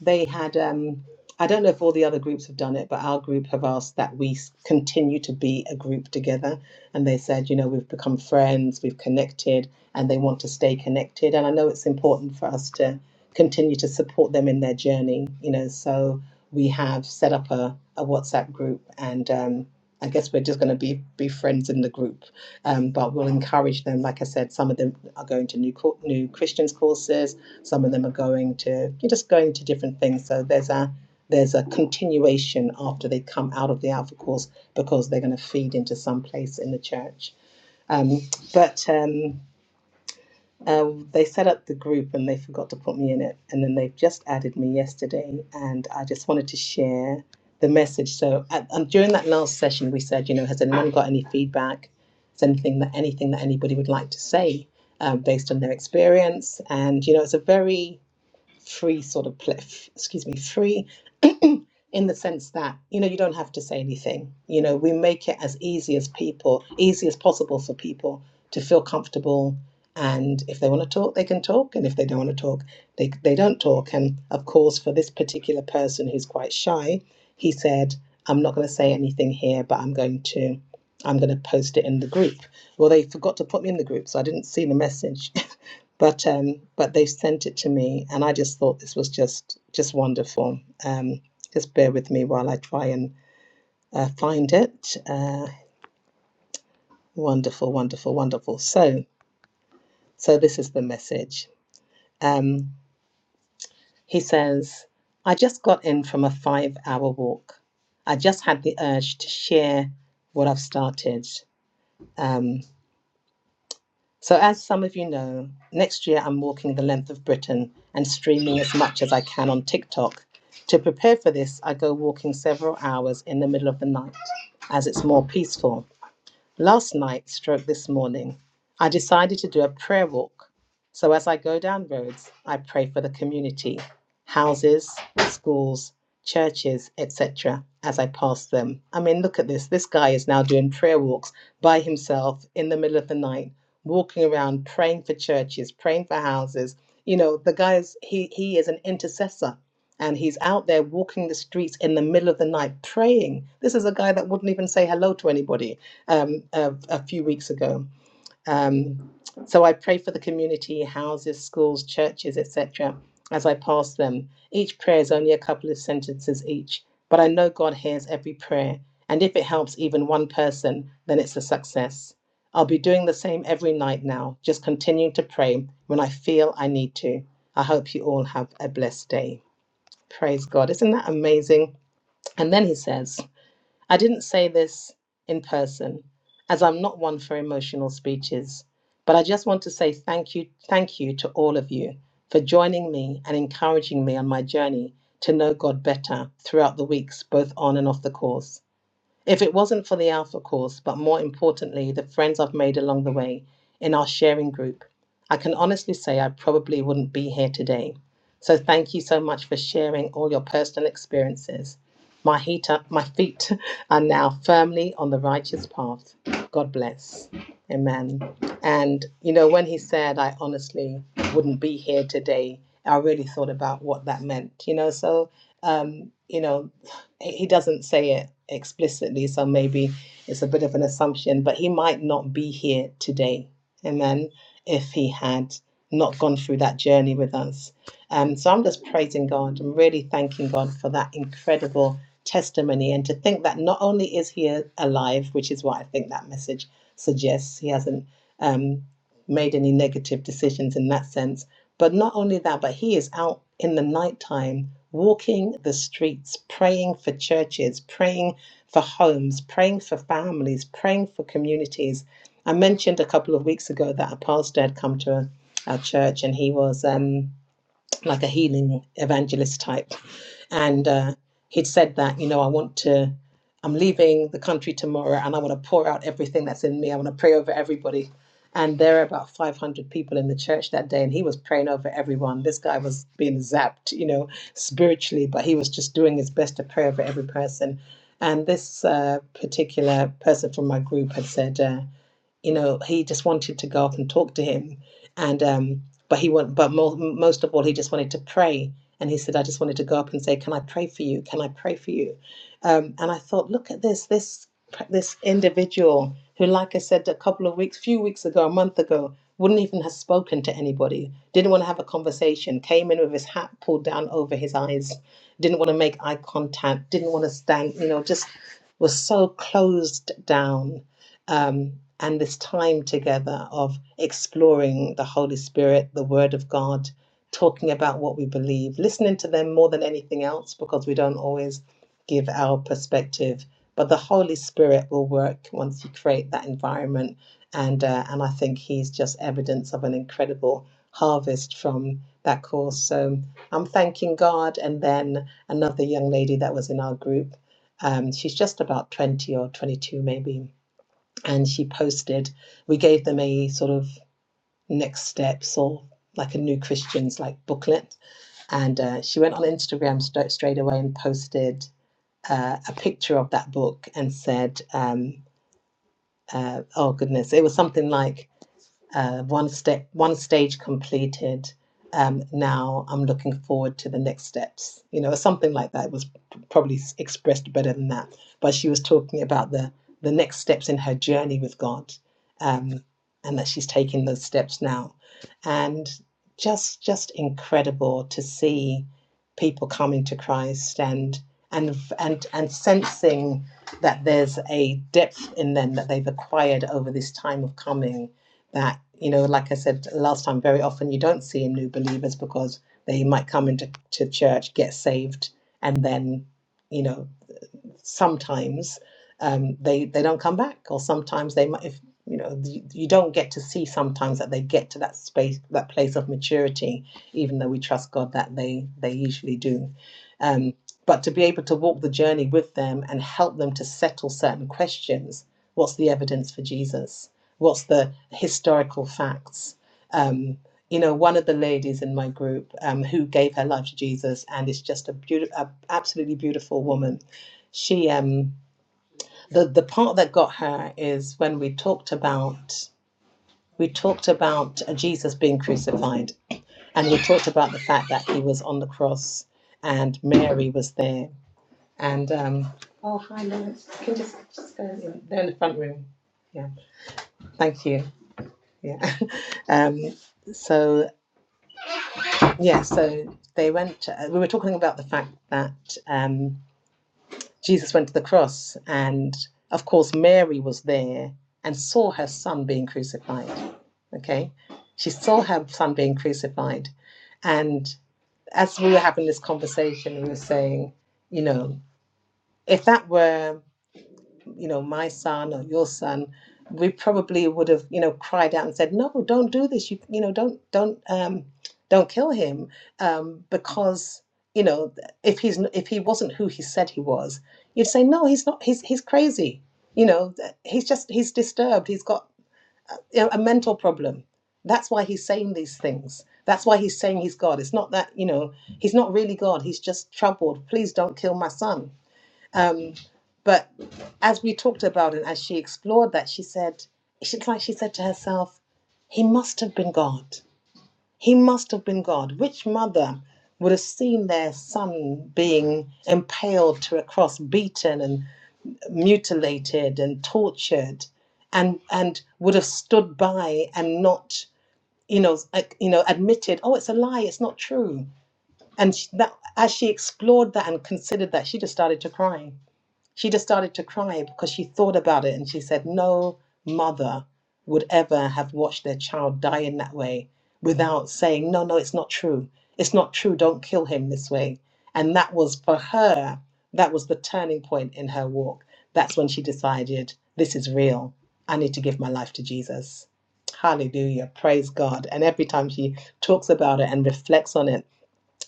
S3: they had. Um, I don't know if all the other groups have done it, but our group have asked that we s- continue to be a group together. And they said, you know, we've become friends, we've connected, and they want to stay connected. And I know it's important for us to continue to support them in their journey, you know. So we have set up a, a WhatsApp group, and um, I guess we're just going to be be friends in the group um, but we'll encourage them. Like I said, some of them are going to new new Christians courses. Some of them are going to you're just going to different things. So there's a there's a continuation after they come out of the Alpha course because they're going to feed into some place in the church. Um, but um, um, they set up the group and they forgot to put me in it. And then they've just added me yesterday. And I just wanted to share the message. So at, um, during that last session, we said, you know, has anyone got any feedback? Is anything that anything that anybody would like to say um, based on their experience? And you know, it's a very free sort of play. Excuse me, free in the sense that you know you don't have to say anything you know we make it as easy as people easy as possible for people to feel comfortable and if they want to talk they can talk and if they don't want to talk they, they don't talk and of course for this particular person who's quite shy he said i'm not going to say anything here but i'm going to i'm going to post it in the group well they forgot to put me in the group so i didn't see the message but um but they sent it to me and i just thought this was just just wonderful Um. Just bear with me while I try and uh, find it. Uh, wonderful, wonderful, wonderful. So, so this is the message. Um, he says, "I just got in from a five-hour walk. I just had the urge to share what I've started." Um, so, as some of you know, next year I'm walking the length of Britain and streaming as much as I can on TikTok. To prepare for this, I go walking several hours in the middle of the night, as it's more peaceful. Last night, stroke this morning, I decided to do a prayer walk. So as I go down roads, I pray for the community, houses, schools, churches, etc., as I pass them. I mean, look at this. This guy is now doing prayer walks by himself in the middle of the night, walking around praying for churches, praying for houses. You know, the guy's he he is an intercessor and he's out there walking the streets in the middle of the night praying. This is a guy that wouldn't even say hello to anybody um, a, a few weeks ago. Um, so I pray for the community, houses, schools, churches, etc., as I pass them. Each prayer is only a couple of sentences each, but I know God hears every prayer. And if it helps even one person, then it's a success. I'll be doing the same every night now, just continuing to pray when I feel I need to. I hope you all have a blessed day. Praise God. Isn't that amazing? And then he says, I didn't say this in person, as I'm not one for emotional speeches, but I just want to say thank you, thank you to all of you for joining me and encouraging me on my journey to know God better throughout the weeks, both on and off the course. If it wasn't for the Alpha course, but more importantly, the friends I've made along the way in our sharing group, I can honestly say I probably wouldn't be here today. So thank you so much for sharing all your personal experiences. My, heat up, my feet are now firmly on the righteous path. God bless. Amen. And, you know, when he said, I honestly wouldn't be here today, I really thought about what that meant, you know. So, um, you know, he he doesn't say it explicitly, so maybe it's a bit of an assumption, but he might not be here today. Amen. If he had not gone through that journey with us. Um, so I'm just praising God. I'm really thanking God for that incredible testimony and to think that not only is he alive, which is what I think that message suggests, he hasn't um, made any negative decisions in that sense, but not only that, but he is out in the nighttime walking the streets, praying for churches, praying for homes, praying for families, praying for communities. I mentioned a couple of weeks ago that a pastor had come to a, our church and he was. Um, like a healing evangelist type. And uh, he'd said that, you know, I want to, I'm leaving the country tomorrow and I want to pour out everything that's in me. I want to pray over everybody. And there were about 500 people in the church that day, and he was praying over everyone. This guy was being zapped, you know, spiritually, but he was just doing his best to pray over every person. And this uh, particular person from my group had said, uh, you know he just wanted to go up and talk to him and um but he went but mo- most of all he just wanted to pray and he said i just wanted to go up and say can i pray for you can i pray for you um and i thought look at this this this individual who like i said a couple of weeks few weeks ago a month ago wouldn't even have spoken to anybody didn't want to have a conversation came in with his hat pulled down over his eyes didn't want to make eye contact didn't want to stand you know just was so closed down um, and this time together of exploring the Holy Spirit, the Word of God, talking about what we believe, listening to them more than anything else because we don't always give our perspective. But the Holy Spirit will work once you create that environment, and uh, and I think He's just evidence of an incredible harvest from that course. So I'm thanking God, and then another young lady that was in our group. Um, she's just about 20 or 22 maybe and she posted we gave them a sort of next steps or like a new christians like booklet and uh, she went on instagram st- straight away and posted uh, a picture of that book and said um, uh, oh goodness it was something like uh, one step, one stage completed. Um, now I'm looking forward to the next steps. You know, or something like that. It was probably expressed better than that, but she was talking about the the next steps in her journey with God, um, and that she's taking those steps now, and just just incredible to see people coming to Christ and and and and sensing that there's a depth in them that they've acquired over this time of coming that you know like i said last time very often you don't see in new believers because they might come into to church get saved and then you know sometimes um, they they don't come back, or sometimes they might. If, you know, you don't get to see sometimes that they get to that space, that place of maturity, even though we trust God that they they usually do. Um, but to be able to walk the journey with them and help them to settle certain questions, what's the evidence for Jesus? What's the historical facts? Um, you know, one of the ladies in my group um, who gave her life to Jesus, and it's just a beautiful, absolutely beautiful woman she um the the part that got her is when we talked about we talked about uh, Jesus being crucified and we talked about the fact that he was on the cross and Mary was there and um oh hi Lawrence you can just just go in they're in the front room yeah thank you yeah um so yeah so they went uh, we were talking about the fact that um. Jesus went to the cross, and of course, Mary was there and saw her son being crucified. Okay, she saw her son being crucified. And as we were having this conversation, we were saying, you know, if that were you know, my son or your son, we probably would have, you know, cried out and said, "No, don't do this. You, you know, don't, don't, um, don't kill him," um, because you know, if he's n- if he wasn't who he said he was, you'd say, "No, he's not. He's he's crazy. You know, th- he's just he's disturbed. He's got you know, a mental problem. That's why he's saying these things." That's why he's saying he's God. It's not that, you know, he's not really God. He's just troubled. Please don't kill my son um, but as we talked about and as she explored that, she said, it's like she said to herself, he must have been God. He must have been God. Which mother would have seen their son being impaled to a cross, beaten and mutilated and tortured, and and would have stood by and not, you know, like, you know, admitted, oh, it's a lie, it's not true. And she, that, as she explored that and considered that, she just started to cry she just started to cry because she thought about it and she said, No mother would ever have watched their child die in that way without saying, No, no, it's not true. It's not true. Don't kill him this way. And that was for her, that was the turning point in her walk. That's when she decided, This is real. I need to give my life to Jesus. Hallelujah. Praise God. And every time she talks about it and reflects on it,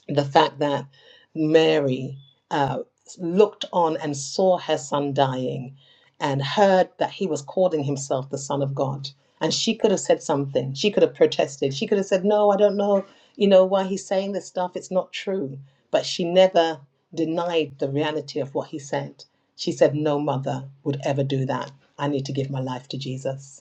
S3: the fact that Mary uh, looked on and saw her son dying and heard that he was calling himself the Son of God. And she could have said something. She could have protested. She could have said, No, I don't know, you know, why he's saying this stuff. It's not true. But she never denied the reality of what he said. She said, No mother would ever do that. I need to give my life to Jesus.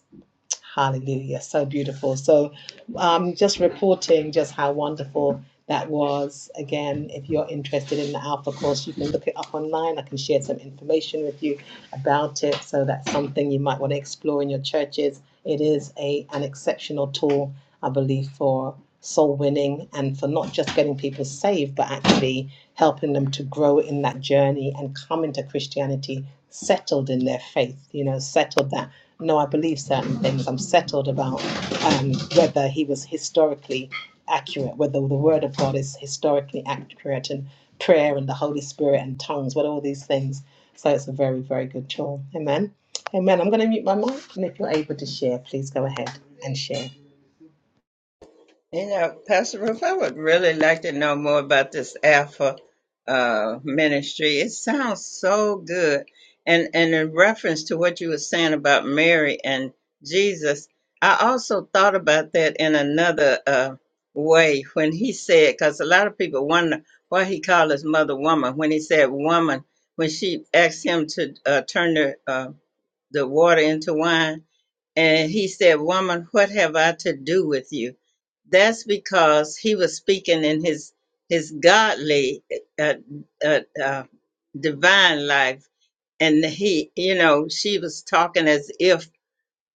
S3: Hallelujah. So beautiful. So um, just reporting just how wonderful that was. Again, if you're interested in the Alpha course, you can look it up online. I can share some information with you about it. So that's something you might want to explore in your churches it is a an exceptional tool, I believe, for soul winning and for not just getting people saved, but actually helping them to grow in that journey and come into Christianity settled in their faith. You know, settled that no, I believe certain things. I'm settled about um, whether he was historically accurate, whether the Word of God is historically accurate, and prayer and the Holy Spirit and tongues, what all these things. So it's a very, very good tool. Amen. Amen. I'm going to mute my mic, and if you're able to share, please go ahead and share.
S1: You know, Pastor Ruth, I would really like to know more about this Alpha uh, ministry. It sounds so good. And and in reference to what you were saying about Mary and Jesus, I also thought about that in another uh, way when he said, because a lot of people wonder why he called his mother woman. When he said woman, when she asked him to uh, turn the uh, the water into wine, And he said, Woman, what have I to do with you? That's because he was speaking in his his godly, uh, uh, uh, divine life. And he, you know, she was talking as if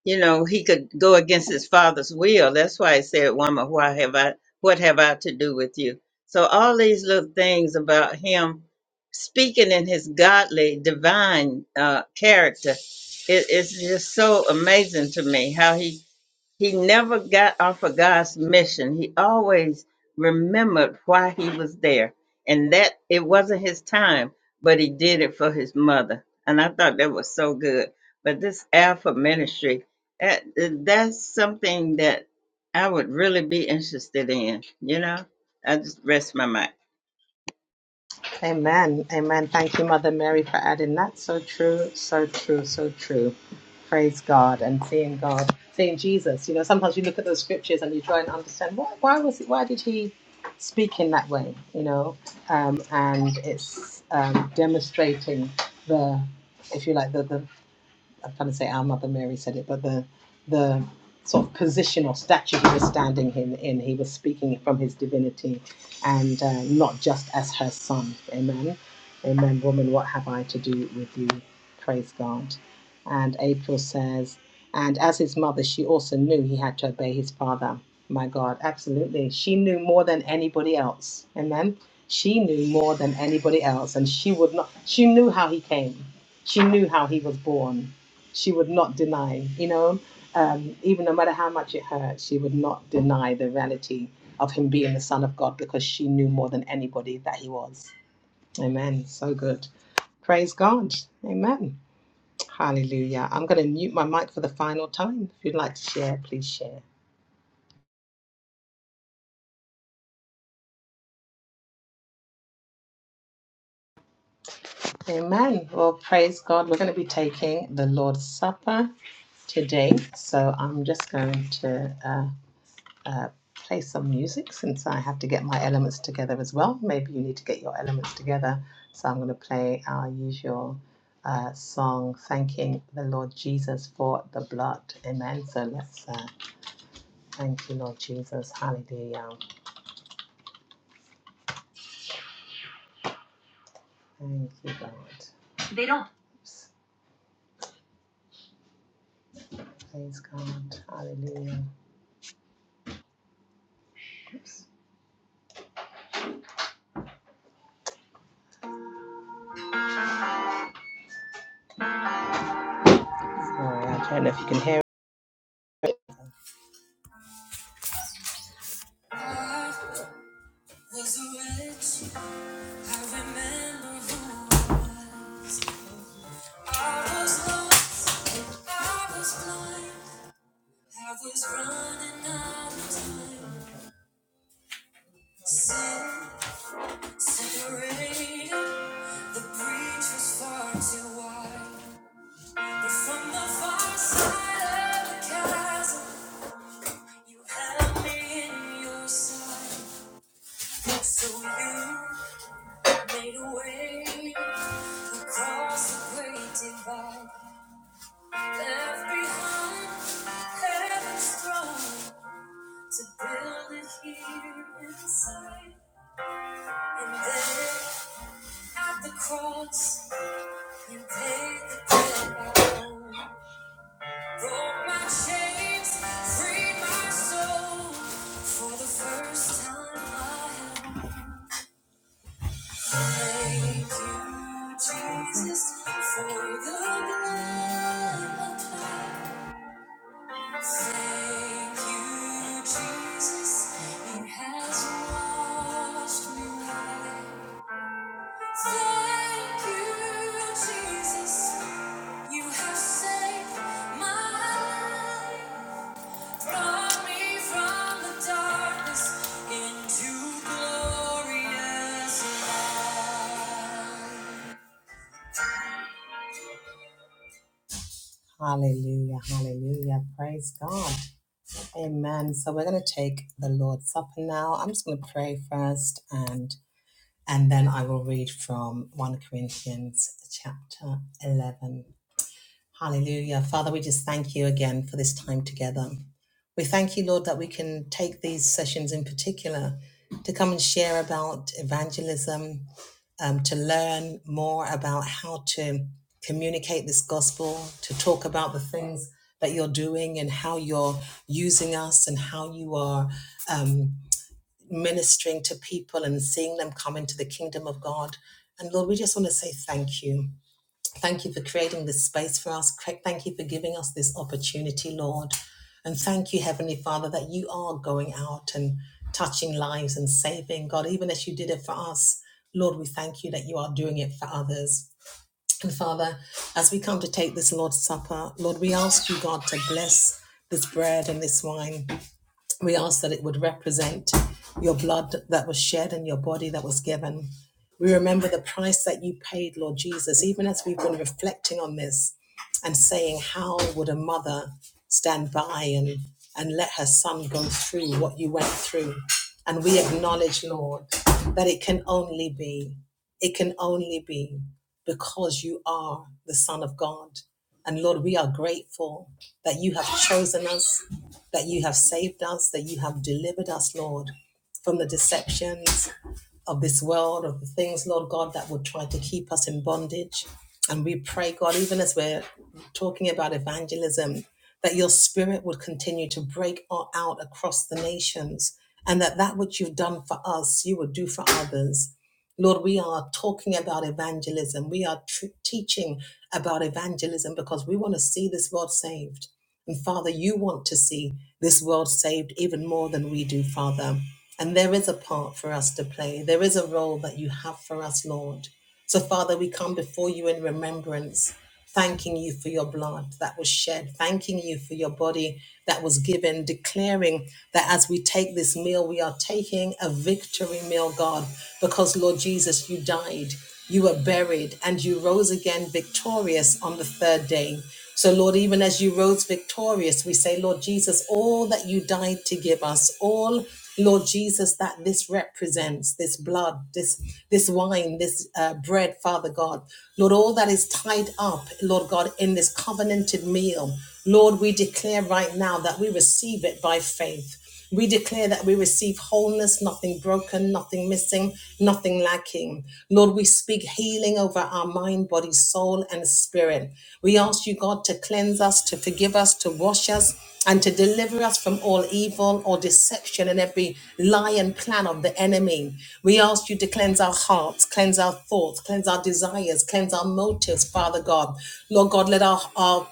S1: you know, he could go against his father's will. That's why he said, Woman, why have I what have I to do with you? So all these little things about him speaking in his godly, divine uh, character, it, it's just so amazing to me how he he never got off of God's mission. He always remembered why he was there and that it wasn't his time, but he did it for his mother. And I thought that was so good. But this Alpha ministry, that, that's something that I would really be interested in, you know? I just rest my mind.
S3: Amen. Amen. Thank you, Mother Mary, for adding that. So true, so true, so true. Praise God and seeing God, seeing Jesus. You know, sometimes you look at those scriptures and you try and understand why, why was it, why did he speak in that way? You know, um, and it's um, demonstrating the, if you like, the the. I'm trying to say our Mother Mary said it, but the the sort of position or stature he was standing in, in he was speaking from his divinity and uh, not just as her son. Amen. Amen. Woman, what have I to do with you? Praise God. And April says, and as his mother, she also knew he had to obey his father. My God, absolutely. She knew more than anybody else. Amen. She knew more than anybody else, and she would not, she knew how he came. She knew how he was born she would not deny, you know, um, even no matter how much it hurt, she would not deny the reality of him being the Son of God because she knew more than anybody that he was. Amen. So good. Praise God. Amen. Hallelujah. I'm going to mute my mic for the final time. If you'd like to share, please share. Amen. Well, praise God. We're going to be taking the Lord's Supper today. So I'm just going to. uh, uh, play some music since I have to get my elements together as well. Maybe you need to get your elements together. So I'm going to play our usual uh, song, thanking the Lord Jesus for the blood. Amen. So let's uh, thank you, Lord Jesus. Hallelujah. Thank you, God. They don't. Oops. Praise God. Hallelujah. Oops. Sorry, I don't know if you can hear it. I was I was blind, I was running out of time. Sin separated, the breach was far too wide. But from the far side of the chasm, you had me in your sight. So you made a way across the great divide, left behind heaven's throne to build it here inside. And then at the cross, you paid the bill. Broke my chains, freed my soul. For the first time, I have thank you, Jesus, for the blood applied. Thank you, Jesus, it has washed me white. Thank you, Jesus. You have saved my life, brought me from the darkness into glorious light. Hallelujah, hallelujah, praise God. Amen. So we're going to take the Lord's Supper now. I'm just going to pray first and and then I will read from 1 Corinthians chapter 11. Hallelujah. Father, we just thank you again for this time together. We thank you, Lord, that we can take these sessions in particular to come and share about evangelism, um, to learn more about how to communicate this gospel, to talk about the things that you're doing and how you're using us and how you are um, ministering to people and seeing them come into the kingdom of God. And Lord, we just want to say thank you. Thank you for creating this space for us. Cra- Thank you for giving us this opportunity, Lord. And thank you, Heavenly Father, that you are going out and touching lives and saving. God, even as you did it for us, Lord, we thank you that you are doing it for others. And Father, as we come to take this Lord's Supper, Lord, we ask you, God, to bless this bread and this wine. We ask that it would represent your blood that was shed and your body that was given. We remember the price that you paid, Lord Jesus, even as we've been reflecting on this and saying, How would a mother stand by and, and let her son go through what you went through? And we acknowledge, Lord, that it can only be, it can only be because you are the Son of God. And Lord, we are grateful that you have chosen us, that you have saved us, that you have delivered us, Lord, from the deceptions of this world, of the things, Lord God, that would try to keep us in bondage. And we pray, God, even as we're talking about evangelism, that your spirit would continue to break out across the nations and that that which you've done for us, you would do for others. Lord, we are talking about evangelism. We are tr- teaching about evangelism because we want to see this world saved. And Father, you want to see this world saved even more than we do, Father. And there is a part for us to play, there is a role that you have for us, Lord. So, Father, we come before you in remembrance, thanking you for your blood that was shed, thanking you for your body that was given, declaring that as we take this meal, we are taking a victory meal, God, because, Lord Jesus, you died, you were buried, and you rose again victorious on the third day. So, Lord, even as you rose victorious, we say, Lord Jesus, all that you died to give us, all, Lord Jesus, that this represents, this blood, this this wine, this uh, bread, Father God, Lord, all that is tied up, Lord God, in this covenanted meal, Lord, we declare right now that we receive it by faith. We declare that we receive wholeness, nothing broken, nothing missing, nothing lacking. Lord, we speak healing over our mind, body, soul, and spirit. We ask you, God, to cleanse us, to forgive us, to wash us, and to deliver us from all evil or deception and every lie and plan of the enemy. We ask you to cleanse our hearts, cleanse our thoughts, cleanse our desires, cleanse our motives, Father God. Lord God, let our, our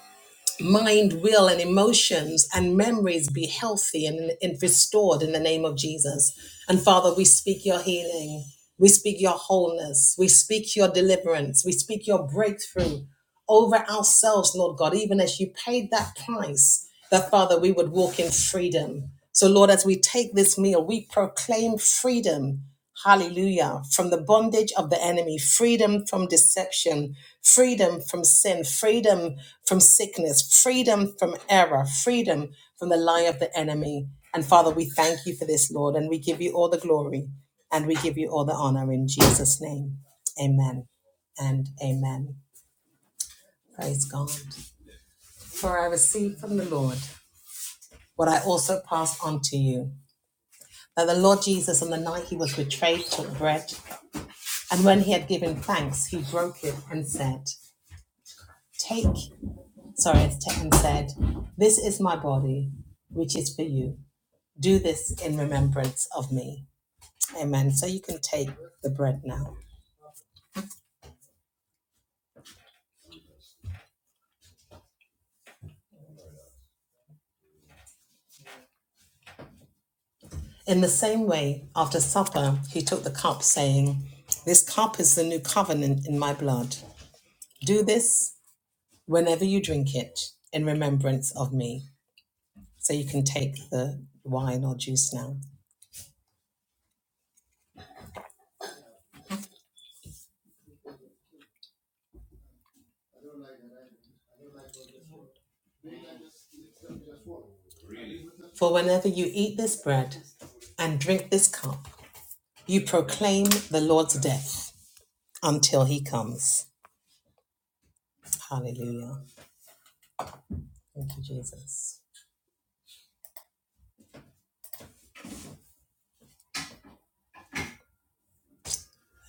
S3: mind, will, and emotions and memories be healthy and, and restored in the name of Jesus. And Father, we speak your healing. We speak your wholeness. We speak your deliverance. We speak your breakthrough over ourselves, Lord God, even as you paid that price, that Father, we would walk in freedom. So, Lord, as we take this meal, we proclaim freedom Hallelujah. From the bondage of the enemy, freedom from deception, freedom from sin, freedom from sickness, freedom from error, freedom from the lie of the enemy. And Father, we thank you for this, Lord, and we give you all the glory and we give you all the honor in Jesus' name. Amen and amen. Praise God. For I received from the Lord what I also passed on to you that the Lord Jesus, on the night he was betrayed, took bread. And when he had given thanks, he broke it and said, Take, sorry, it's ta- and said, This is my body, which is for you. Do this in remembrance of me. Amen. So you can take the bread now. In the same way, after supper, he took the cup, saying, This cup is the new covenant in my blood. Do this whenever you drink it in remembrance of me. So you can take the wine or juice now. For whenever you eat this bread and drink this cup, you proclaim the Lord's death until he comes. Hallelujah. Thank you, Jesus.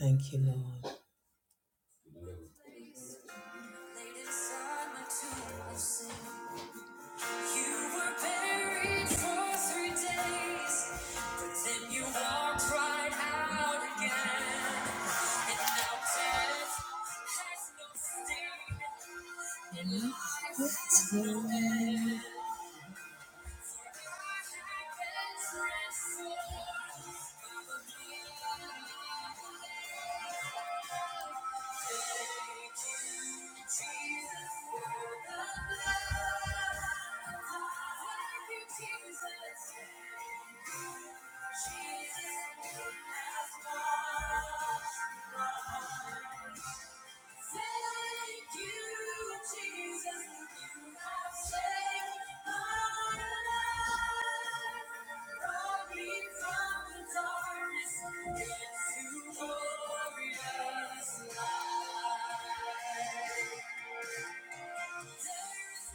S3: Thank you, Lord. It's Jesus, you have washed my heart. Thank you, Jesus. I've saved my life. Brought me from the darkness into glorious light. There is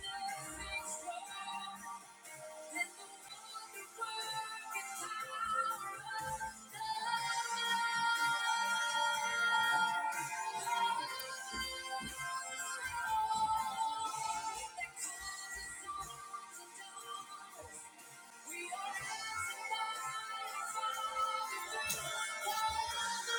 S3: nothing stronger than the holy work and power of the we are as alive as the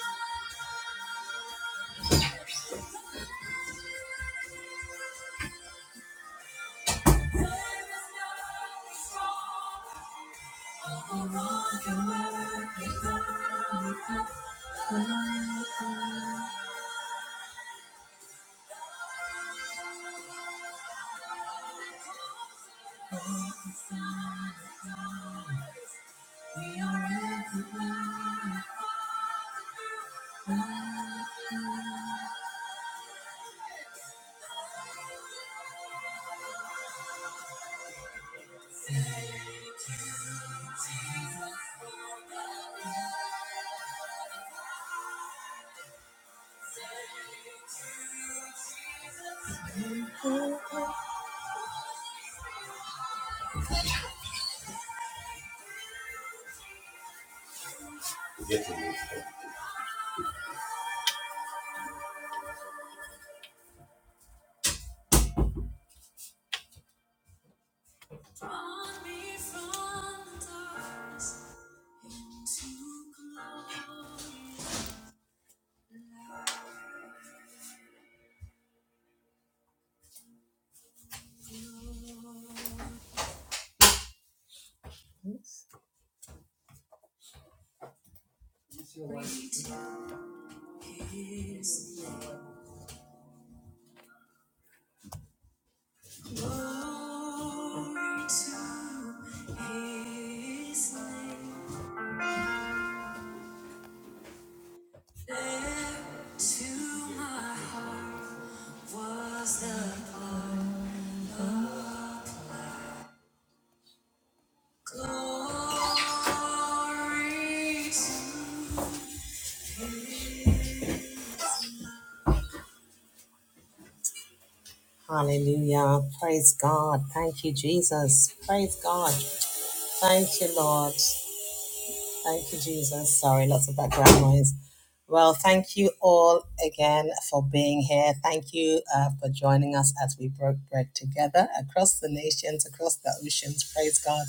S3: Was the glory to Hallelujah. Praise God. Thank you, Jesus. Praise God. Thank you, Lord. Thank you, Jesus. Sorry, lots of background noise. Well, thank you all again for being here. Thank you uh, for joining us as we broke bread together across the nations, across the oceans. Praise God.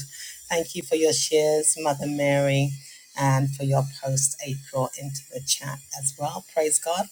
S3: Thank you for your shares, Mother Mary, and for your post, April, into the chat as well. Praise God.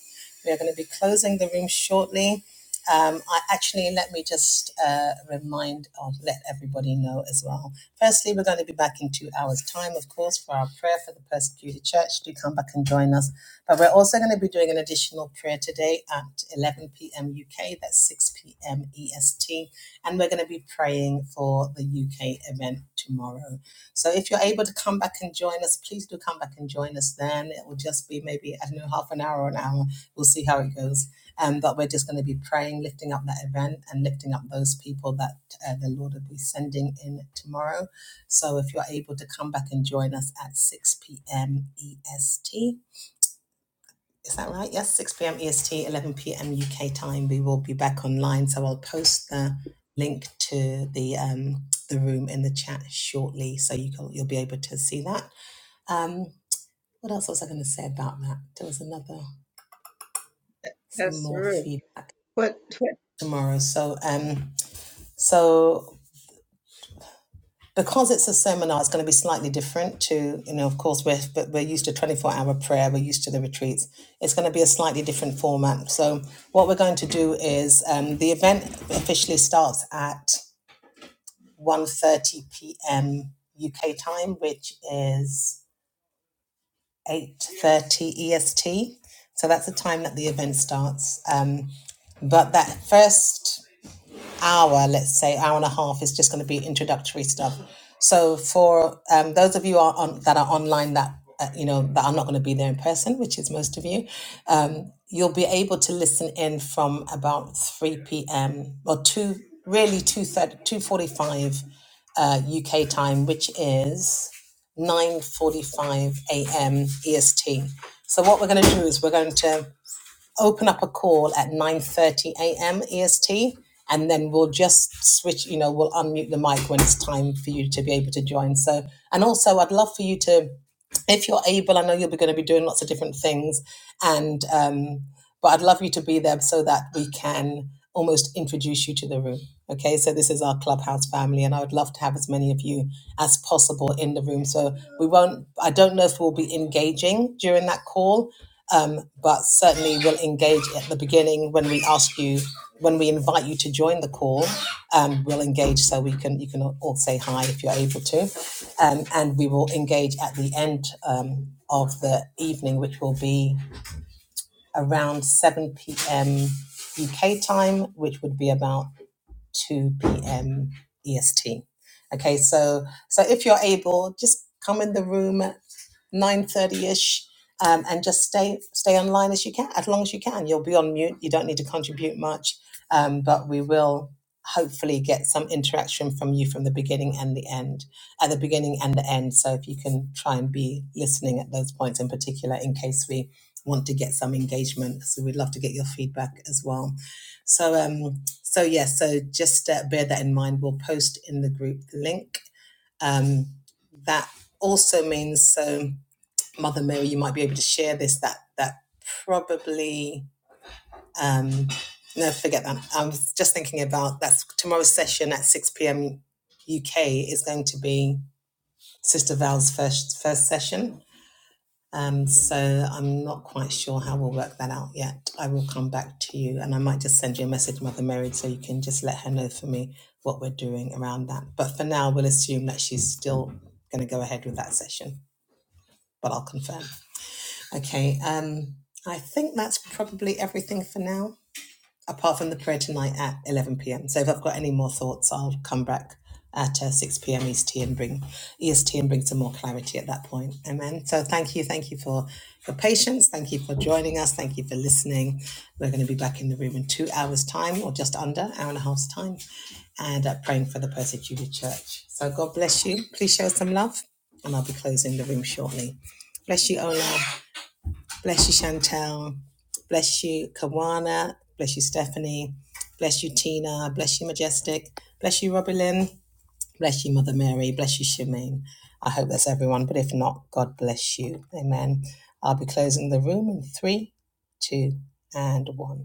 S3: We are going to be closing the room shortly. Um, I actually let me just uh, remind or let everybody know as well Firstly, we're going to be back in two hours' time, of course, for our prayer for the persecuted church. Do come back and join us. But we're also going to be doing an additional prayer today at 11 p.m. UK, that's 6 p.m. EST. And we're going to be praying for the UK event tomorrow. So if you're able to come back and join us, please do come back and join us then. It will just be maybe, I don't know, half an hour or an hour. We'll see how it goes. Um, but we're just going to be praying, lifting up that event and lifting up those people that uh, the Lord will be sending in tomorrow. So if you're able to come back and join us at 6 p.m. EST. Is that right? Yes, 6 p.m. EST, 11 p.m. UK time. We will be back online. So I'll post the link to the um, the room in the chat shortly, so you can, you'll be able to see that. Um, what else was I going to say about that? There was another some
S1: That's
S3: more
S1: true.
S3: feedback
S1: What?
S3: tomorrow. So um, so because it's a seminar, it's going to be slightly different to, you know, of course, we're, we're used to 24 hour prayer, we're used to the retreats. It's going to be a slightly different format. So, what we're going to do is um, the event officially starts at one thirty p.m. UK time, which is 8.30 EST. So, that's the time that the event starts. Um, but that first hour, let's say hour and a half, is just going to be introductory stuff. So for um, those of you are on, that are online that uh, you know that are not going to be there in person, which is most of you, um, you'll be able to listen in from about three p.m. or two, really two thirty, two forty-five uh, UK time, which is nine forty-five a.m. EST. So what we're going to do is we're going to open up a call at 9.30 a.m. EST, and then we'll just switch, you know, we'll unmute the mic when it's time for you to be able to join. So, and also I'd love for you to, if you're able, I know you'll be going to be doing lots of different things, and, um, but I'd love you to be there so that we can almost introduce you to the room. Okay, so this is our clubhouse family, and I would love to have as many of you as possible in the room. So we won't, I don't know if we'll be engaging during that call, um, but certainly we'll engage at the beginning when we ask you when we invite you to join the call um, we'll engage so we can you can all say hi if you're able to um, and we will engage at the end um, of the evening which will be around 7 p.m uk time which would be about 2 p.m. EST. Okay, so so if you're able, just come in the room at 9:30ish um, and just stay stay online as you can, as long as you can. You'll be on mute. You don't need to contribute much, um, but we will hopefully get some interaction from you from the beginning and the end at the beginning and the end so if you can try and be listening at those points in particular in case we want to get some engagement so we'd love to get your feedback as well so um so yes, yeah, so just uh, bear that in mind. We'll post in the group the link. Um, that also means, so Mother Mary, you might be able to share this. That that probably um, no, forget that. I was just thinking about that's tomorrow's session at six pm UK is going to be Sister Val's first first session. Um, so I'm not quite sure how we'll work that out yet. I will come back to you and I might just send you a message, Mother Mary, so you can just let her know for me what we're doing around that. But for now, we'll assume that she's still going to go ahead with that session, but I'll confirm. Okay, um, I think that's probably everything for now apart from the prayer tonight at 11 p.m. So if I've got any more thoughts, I'll come back at uh, 6 p.m. EST and bring EST and bring some more clarity at that point. Amen. So thank you, thank you for for patience. Thank you for joining us. Thank you for listening. We're going to be back in the room in two hours' time, or just under hour and a half's time, and uh, praying for the persecuted church. So God bless you. Please show some love, and I'll be closing the room shortly. Bless you, Ola. Bless you, Chantel. Bless you, Kawana. Bless you, Stephanie. Bless you, Tina. Bless you, Majestic. Bless you, Robbie Lynn. Bless you, Mother Mary. Bless you, Shemaine. I hope that's everyone, but if not, God bless you. Amen. I'll be closing the room in three, two, and one.